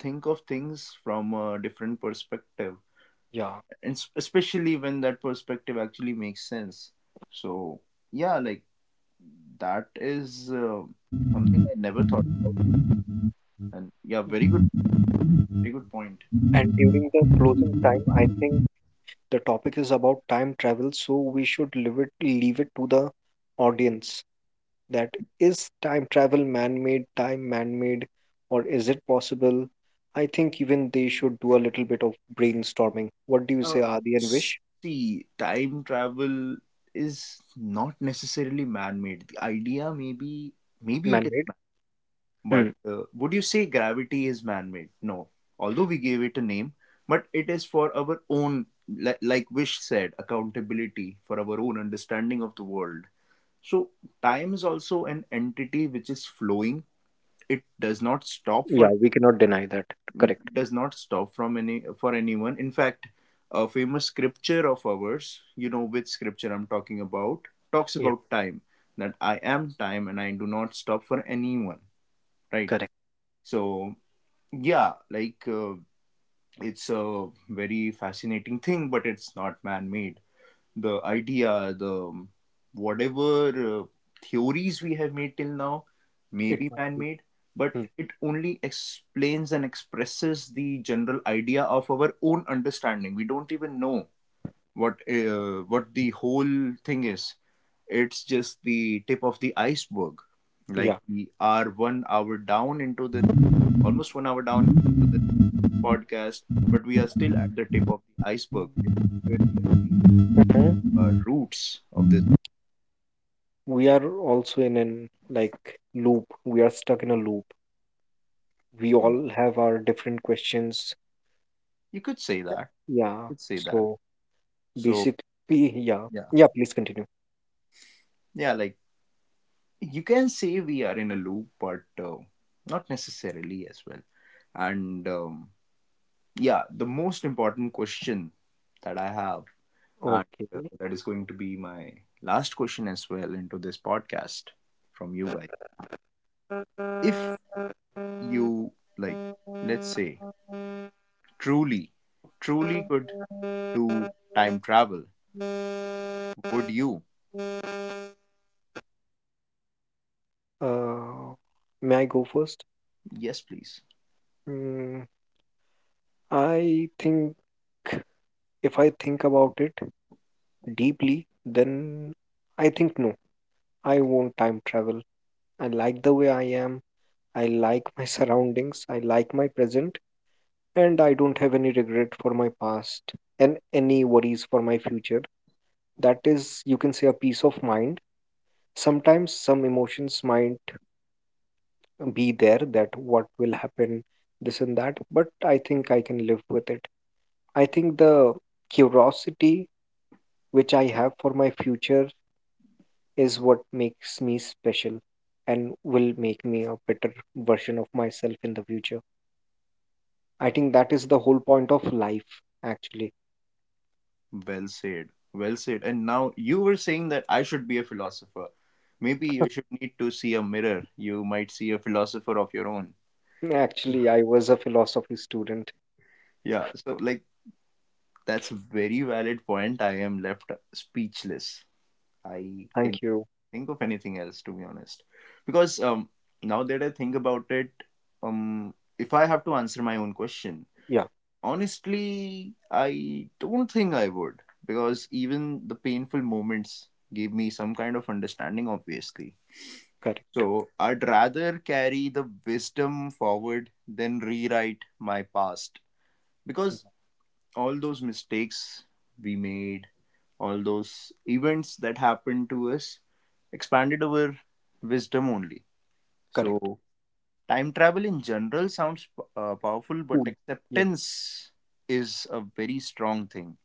S1: think of things from a different perspective.
S2: Yeah.
S1: And especially when that perspective actually makes sense. So, yeah, like, that is something I never thought about myself. And yeah, very good point, Vish. Very good point.
S2: And during the closing time, I think the topic is about time travel, so we should leave it to the audience. That is, time travel man-made, time man-made, or is it possible? I think even they should do a little bit of brainstorming. What do you
S1: Uh,
S2: say, Adi and Vish?
S1: See, time travel is not necessarily man-made. The idea maybe it is
S2: Man-made?
S1: man, but
S2: Hmm.
S1: would you say gravity is man-made? No. Although we gave it a name, but it is for our own, like Vish said, accountability for our own understanding of the world. So time is also an entity which is flowing. It does not stop
S2: Yeah,
S1: for
S2: we cannot deny that. Correct.
S1: does not stop from any for anyone. In fact, a famous scripture of ours, you know which scripture I'm talking about, talks
S2: Yeah,
S1: about time, that I am time and I do not stop for anyone, right?
S2: correct.
S1: So yeah, like it's a very fascinating thing, but it's not man-made. The idea, the whatever theories we have made till now may
S2: It
S1: be
S2: might
S1: man
S2: be.
S1: made, but
S2: Hmm.
S1: it only explains and expresses the general idea of our own understanding. We don't even know what the whole thing is. It's just the tip of the iceberg. Like
S2: Yeah,
S1: we are 1 hour down into this, almost 1 hour down into this podcast, but we are still at the tip of the iceberg. We are nowhere near
S3: mhm.
S1: the roots of this.
S2: we are also in an like loop. We are stuck in a loop. We all have our different questions.
S1: You could say that.
S2: Yeah,
S1: You could say that.
S2: so.
S1: So
S2: Basically, yeah.
S1: yeah,
S2: Yeah, please continue.
S1: yeah. Like you can say we are in a loop, but not necessarily as well. And yeah, the most important question that I have, and
S2: Okay.
S1: that is going to be my last question as well into this podcast from you guys. If you, like, let's say, truly, truly could do time travel, would you?
S2: Uh, may I go first?
S1: Yes, please.
S2: Mm, I think, if I think about it deeply, then I think no, I won't time travel. I like the way I am. I like my surroundings. I like my present. And I don't have any regret for my past and any worries for my future. That is, you can say, a peace of mind. Sometimes some emotions might be there, that what will happen, this and that, but I think I can live with it. I think the curiosity which I have for my future is what makes me special and will make me a better version of myself in the future. I think that is the whole point of life actually.
S1: Well said. Well said. And now you were saying that I should be a philosopher. Maybe you should need to see a mirror. You might see a philosopher of your own.
S2: Actually, I was a philosophy student.
S1: Yeah, so like, that's a very valid point. I am left speechless. I can
S2: Thank you.
S1: think of anything else to be honest. Because now that I think about it, if I have to answer my own question,
S2: Yeah,
S1: honestly, I don't think I would, because even the painful moments gave me some kind of understanding obviously.
S2: correct.
S1: So I'd rather carry the wisdom forward than rewrite my past.
S2: Yeah,
S1: Because all those mistakes we made, all those events that happened to us, expanded our wisdom only.
S2: correct.
S1: So time travel in general sounds powerful, but
S2: Cool. Yeah,
S1: acceptance is a very strong thing.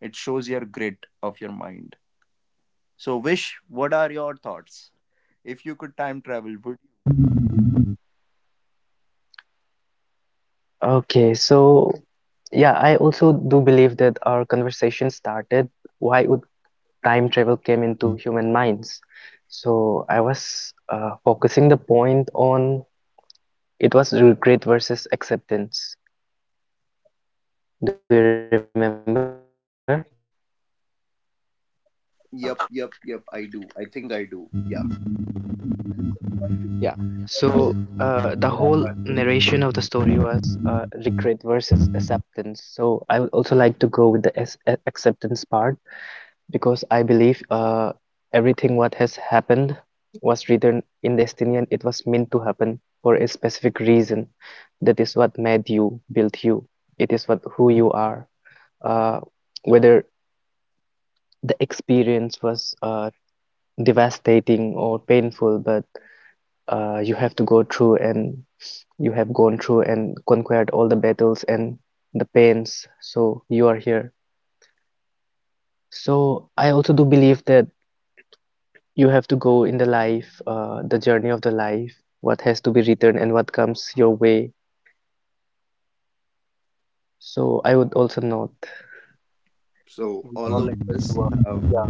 S1: It shows your grit of your mind. So, Vish, what are your thoughts? If you could time travel, would...
S3: Okay, so yeah, I also do believe that our conversation started why would time travel came into human minds. So I was focusing the point on it was regret versus acceptance, do you remember?
S2: yeah,
S1: Yep, yep, yep. I do. I think I do. Yeah. And
S3: Yeah,
S1: subconsciously,
S3: so
S1: since
S3: the whole
S1: I heard that
S3: narration of
S1: accident,
S3: the story was regret versus acceptance, so I would also like to go with the acceptance part because I believe everything what has happened was written in destiny and it was meant to happen for a specific reason. That is what made you, built you, it is what who you are, uh, whether the experience was devastating or painful, but you have to go through, and you have gone through and conquered all the battles and the pains, so you are here. So I also do believe that you have to go in the life, the journey of the life, what has to be written and what comes your way. So I would also note.
S1: so
S2: we
S1: all
S2: all
S1: of
S2: agree
S1: us
S2: to a,
S1: have
S2: yeah,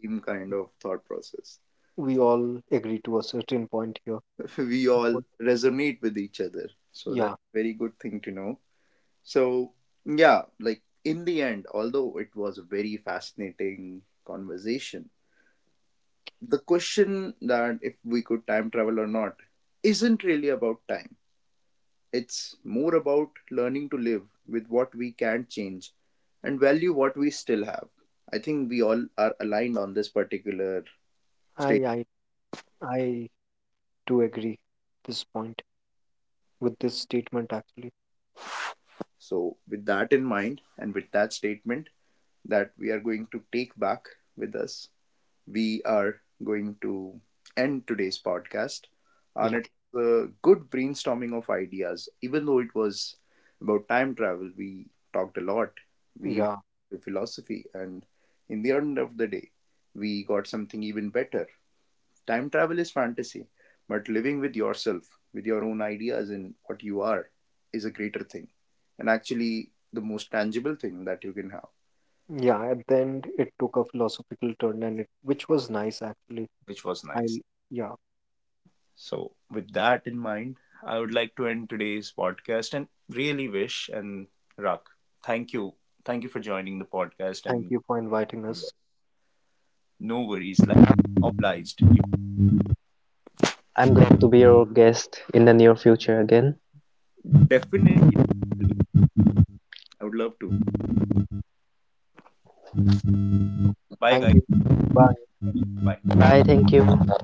S1: same kind of thought process.
S2: we all agree to a certain point here.
S1: We all
S2: Would-
S1: resonate with each other. So that's
S2: Yeah,
S1: a very good thing to know. So yeah, like in the end, although it was a very fascinating conversation, the question that if we could time travel or not isn't really about time. It's more about learning to live with what we can't change and value what we still have. I think we all are aligned on this particular state.
S2: I I I do agree this point with this statement actually.
S1: So, with that in mind and with that statement that we are going to take back with us, we are going to end today's podcast. And
S2: Yeah,
S1: it was a good brainstorming of ideas. Even though it was about time travel, we talked a lot. We even
S2: yeah,
S1: talked philosophy, and in the end of the day, we got something even better. Time travel is fantasy, but living with yourself, with your own ideas and what you are, is a greater thing, and actually the most tangible thing that you can have,
S2: yeah. At the end, it took a philosophical turn, and it which was nice actually.
S1: which was nice.
S2: I Yeah.
S1: So, with that in mind, I would like to end today's podcast and really wish and Rak, thank you. Thank you for joining the podcast
S2: Thank
S1: and
S2: you for inviting us.
S1: no worries. Like, obliged. You
S3: I'm glad to be your guest in the near future again.
S1: definitely, definitely. I would love to. Bye
S2: Thank
S1: guys.
S2: you. Bye.
S1: Bye.
S3: Bye, thank you.